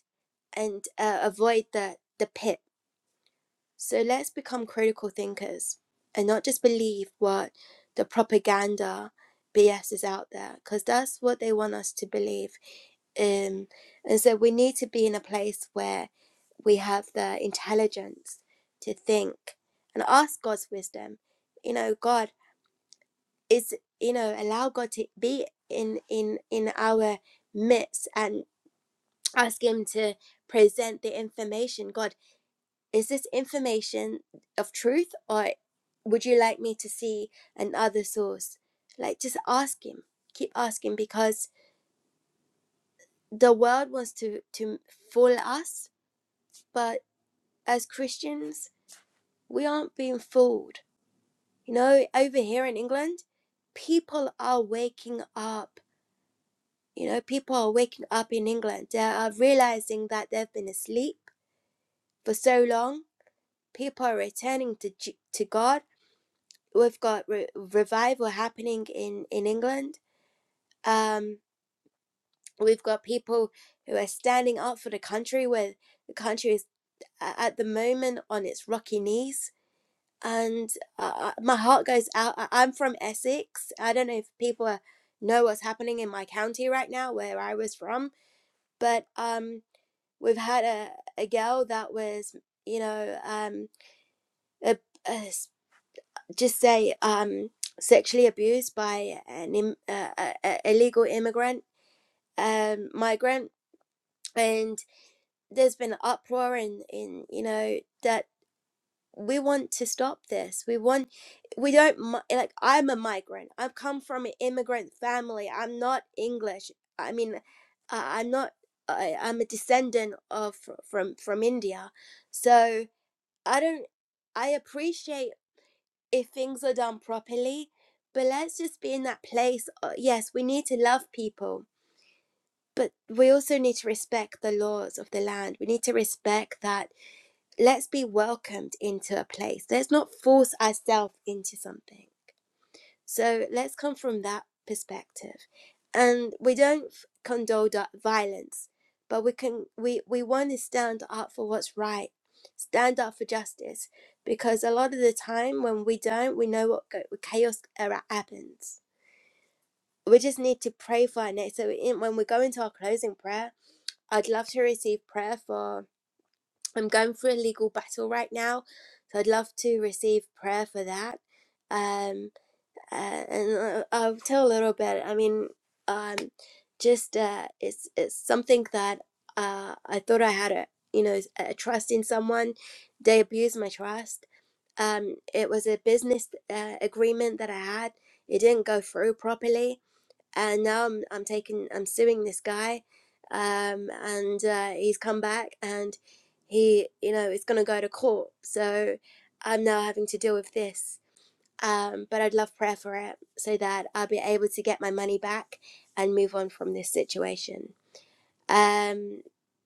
A: and uh, avoid the, the pit. So let's become critical thinkers and not just believe what the propaganda BS is out there, because that's what they want us to believe. Um, and so we need to be in a place where we have the intelligence to think and ask God's wisdom. You know, God is, you know, allow God to be in in in our midst and ask him to present the information god is this information of truth or would you like me to see another source like just ask him keep asking because the world wants to to fool us but as christians we aren't being fooled you know over here in england people are waking up you know people are waking up in england they are realizing that they've been asleep for so long people are returning to to God. We've got re- revival happening in in England. Um, we've got people who are standing up for the country where the country is at the moment on its rocky knees. And uh, uh, my heart goes out. I- I'm from Essex. I don't know if people are, know what's happening in my county right now, where I was from. But um, we've had a, a girl that was, you know, um, a a, just say um, sexually abused by an Im- uh, a, a illegal immigrant um, migrant, and there's been an uproar in in you know that we want to stop this. We want we don't like I'm a migrant. I've come from an immigrant family. I'm not English. I mean, uh, I'm not. I, I'm a descendant of from from India, so I don't. I appreciate. if things are done properly. But let's just be in that place. uh, Yes, we need to love people, but we also need to respect the laws of the land. We need to respect that. Let's be welcomed into a place. Let's not force ourselves into something. So let's come from that perspective. And we don't condone that violence, but we can we, we want to stand up for what's right, stand up for justice, because a lot of the time when we don't, we know what go, chaos era happens. We just need to pray for our next. So in, when we go into our closing prayer, I'd love to receive prayer for. I'm going through a legal battle right now, so I'd love to receive prayer for that. Um uh, and uh, I'll tell a little bit. I mean, um, just uh, it's it's something that uh, I thought I had a you know a trust in someone. They abused my trust. Um, it was a business uh, agreement that I had. It didn't go through properly, and now I'm I'm taking I'm suing this guy, um, and uh, he's come back and he you know is going to go to court. So I'm now having to deal with this um, but I'd love prayer for it so that I'll be able to get my money back and move on from this situation. Um,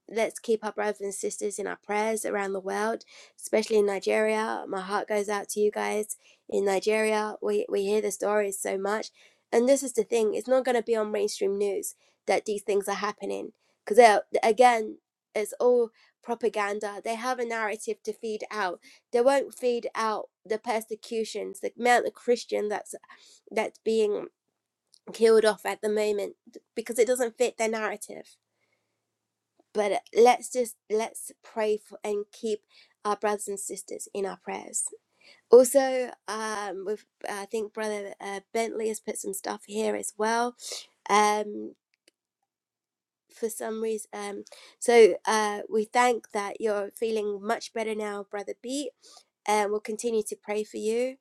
A: let's keep our brothers and sisters in our prayers around the world, especially in Nigeria. My heart goes out to you guys in Nigeria. We, we hear the stories so much. And this is the thing it's not going to be on mainstream news that these things are happening. Because, again, it's all propaganda. They have a narrative to feed out. They won't feed out the persecutions, the amount of Christian that's that's being killed off at the moment because it doesn't fit their narrative but let's just let's pray for and keep our brothers and sisters in our prayers also um with i think brother uh, bentley has put some stuff here as well um for some reason um so uh we thank that you're feeling much better now brother beat and we'll continue to pray for you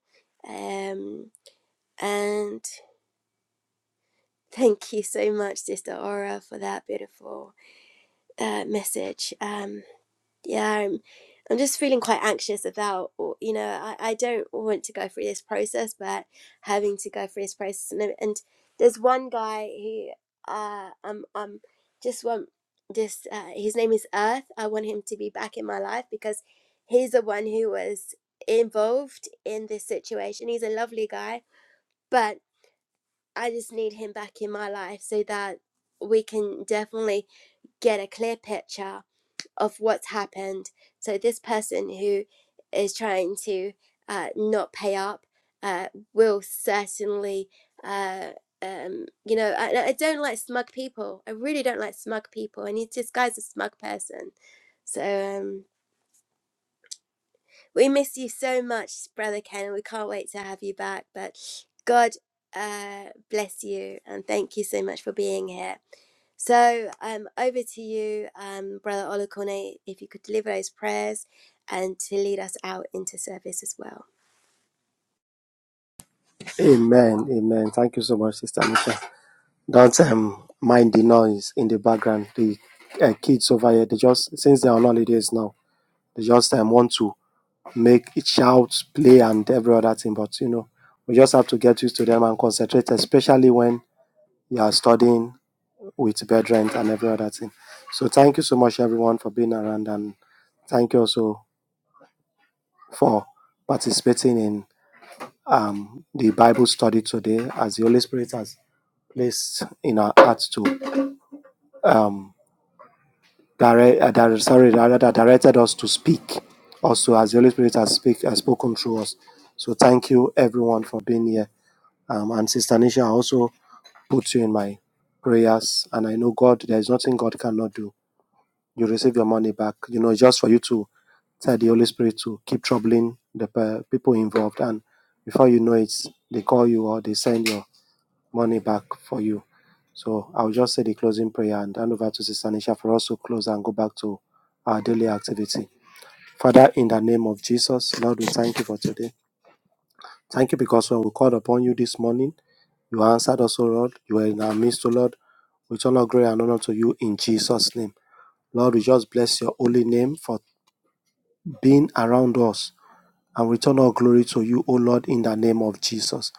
A: um and thank you so much sister aura for that beautiful uh, message Um. yeah i'm i'm just feeling quite anxious about or- you know i, I don't want to go through this process but having to go through this process and, um, and there's one guy who uh um um just want just uh, his name is earth i want him to be back in my life because he's the one who was involved in this situation he's a lovely guy but i just need him back in my life so that we can definitely get a clear picture of what's happened. So this person who is trying to uh, not pay up uh, will certainly, uh, um, you know, I, I don't like smug people. I really don't like smug people. I need this guy's a smug person. So um, we miss you so much, brother Ken. We can't wait to have you back. But God uh, bless you and thank you so much for being here. So um, over to you, um, Brother Olakone, if you could deliver those prayers and to lead us out into service as well.
B: Amen. Amen. Thank you so much, Sister Nisha. Don't um, mind the noise in the background. The uh, kids over here, they just, since they're on holidays now, they just um, want to make it shout, play, and every other thing. But, you know, we just have to get used to them and concentrate, especially when you are studying with bed rent and every other thing. So thank you so much everyone for being around and thank you also for participating in um, the Bible study today as the Holy Spirit has placed in our hearts to um, direct, uh, dire- sorry, rather that directed us to speak also as the Holy Spirit has, speak, has spoken through us. So thank you everyone for being here. Um, and Sister Nisha, I also put you in my prayers and I know God, there is nothing God cannot do you receive your money back. You know, just for you to tell the Holy Spirit to keep troubling the pe- people involved. And before you know it, they call you or they send your money back for you. So I'll just say the closing prayer and hand over to Sister Nisha for us to close and go back to our daily activity. Father, in the name of Jesus, Lord, we thank you for today. Thank you because when we called upon you this morning, you answered us, O Lord. You were in our midst, O Lord. We turn our glory and honor to you in Jesus' name. Lord, we just bless your holy name for being around us and return all glory to you, O Lord, in the name of Jesus.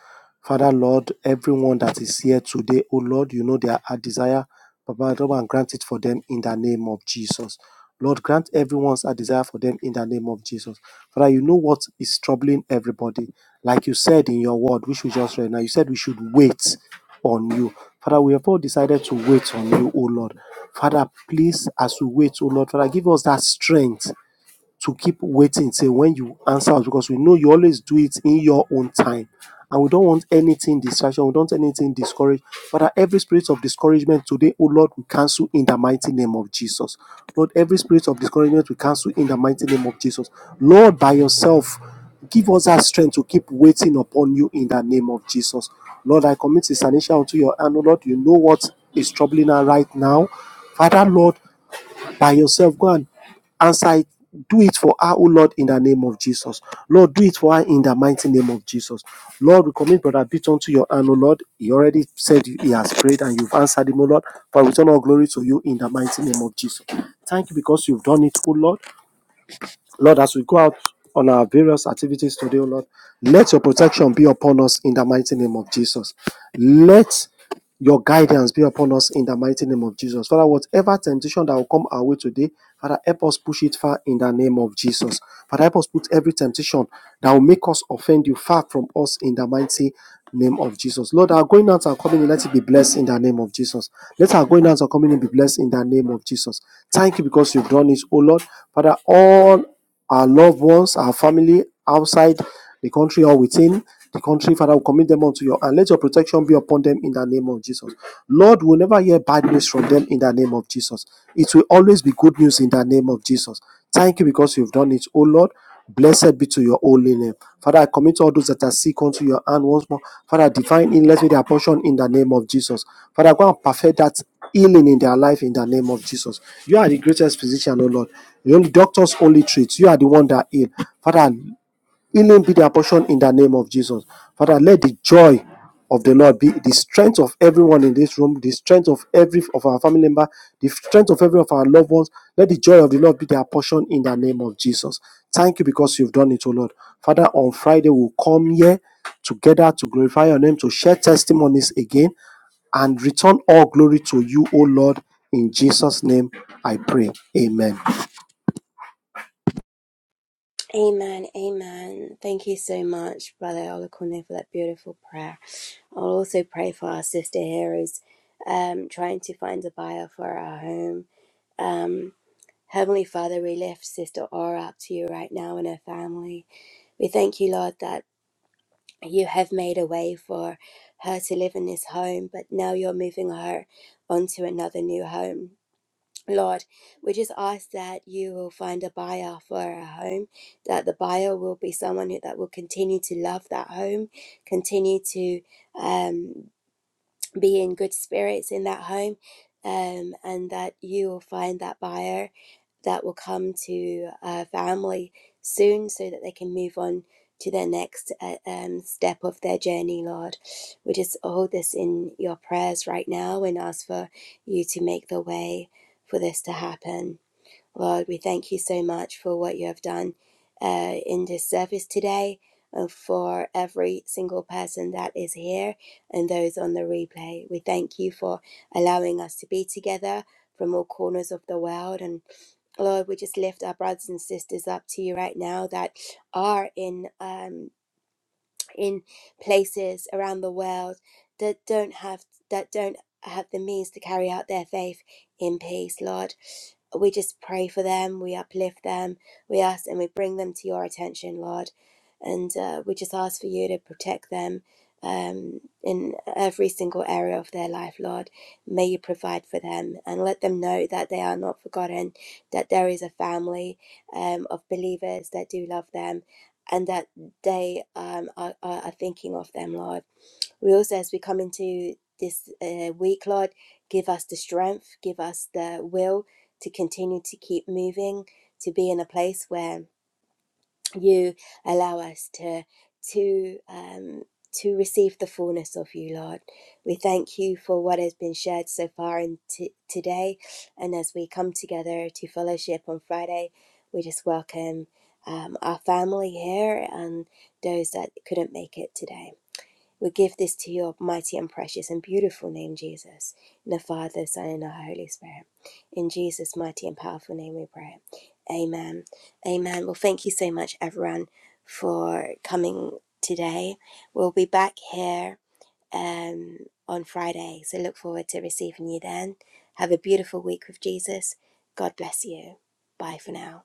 B: Father, Lord, everyone that is here today, O Lord, you know their heart desire. Baba, Lord, and grant it for them in the name of Jesus. Lord, grant everyone's a desire for them in the name of Jesus. Father, you know what is troubling everybody. Like you said in your word, which we just read now, you said we should wait on you. Father, we have all decided to wait on you, O Lord. Father, please, as we wait, O Lord, Father, give us that strength to keep waiting till when you answer us because we know you always do it in your own time. And we don't want anything distraction. We don't want anything discourage. Father, every spirit of discouragement today, oh Lord, we cancel in the mighty name of Jesus. Lord, every spirit of discouragement we cancel in the mighty name of Jesus. Lord, by yourself, give us that strength to keep waiting upon you in the name of Jesus. Lord, I commit Sister Nisha unto your hand. Oh Lord, you know what is troubling her right now. Father, Lord, by yourself. Go and answer it. Do it for her, oh Lord, in the name of Jesus. Lord, do it for her in the mighty name of Jesus. Lord, we commit Brother Beat unto your hand, O Lord. He already said he has prayed and you've answered him, O Lord. For return all glory to you in the mighty name of Jesus. Thank you because you've done it, O Lord. Lord, as we go out on our various activities today, oh Lord, let your protection be upon us in the mighty name of Jesus. Let your guidance be upon us in the mighty name of Jesus. Father, whatever temptation that will come our way today, Father, help us push it far in the name of Jesus. Father, help us put every temptation that will make us offend you far from us in the mighty name of Jesus. Lord, our going out and coming in, let it be blessed in the name of Jesus. Let our going out and coming in be blessed in the name of Jesus. Thank you because you've done this, oh Lord. Father, all our loved ones, our family outside the country or within the country. Father, we commit them unto you and let your protection be upon them in the name of Jesus. Lord, we'll never hear bad news from them in the name of Jesus. It will always be good news in the name of Jesus. Thank you because you've done it, O Lord. Blessed be to your holy name. Father, I commit all those that are sick unto your hand once more. Father, divine in, let me their portion in the name of Jesus. Father, go and perfect that healing in their life in the name of Jesus. You are the greatest physician, O Lord. The only doctors only treat. You are the one that heal. Father, Healing be their portion in the name of Jesus. Father, let the joy of the Lord be the strength of everyone in this room, the strength of every of our family member, the strength of every of our loved ones. Let the joy of the Lord be their portion in the name of Jesus. Thank you because you've done it, O Lord. Father, on Friday we'll come here together to glorify your name, to share testimonies again, and return all glory to you, O Lord. In Jesus' name I pray. Amen.
A: Amen, amen. Thank you so much, Brother Olakone, for that beautiful prayer. I'll also pray for our sister here who's um, trying to find a buyer for our home. Um, Heavenly Father, we lift Sister Aura up to you right now and her family. We thank you, Lord, that. you have made a way for her to live in this home, but now you're moving her onto another new home. Lord, we just ask that you will find a buyer for her home, that the buyer will be someone who, that will continue to love that home, continue to um, be in good spirits in that home, um, and that you will find that buyer that will come to our family soon so that they can move on to their next uh, um, step of their journey, Lord. We just hold this in your prayers right now and ask for you to make the way for this to happen. Lord, we thank you so much for what you have done uh, in this service today and for every single person that is here and those on the replay. We thank you for allowing us to be together from all corners of the world and Lord, we just lift our brothers and sisters up to you right now that are in um, in places around the world that don't have that don't have the means to carry out their faith in peace, Lord. We just pray for them, we uplift them, we ask and we bring them to your attention, Lord. And uh, we just ask for you to protect them um, in every single area of their life, Lord. May you provide for them and let them know that they are not forgotten, that there is a family um, of believers that do love them, and that day um, are, are, are thinking of them, Lord. We also, as we come into this uh, week, Lord, give us the strength, give us the will to continue to keep moving, to be in a place where you allow us to to um, to receive the fullness of you, Lord. We thank you for what has been shared so far and t- today, and as we come together to fellowship on Friday, we just welcome um, our family here and those that couldn't make it today. We give this to your mighty and precious and beautiful name, Jesus, in the Father, the Son, and the Holy Spirit. In Jesus' mighty and powerful name we pray. Amen. Amen. Well, thank you so much, everyone, for coming today. We'll be back here um, on Friday, so look forward to receiving you then. Have a beautiful week with Jesus. God bless you. Bye for now.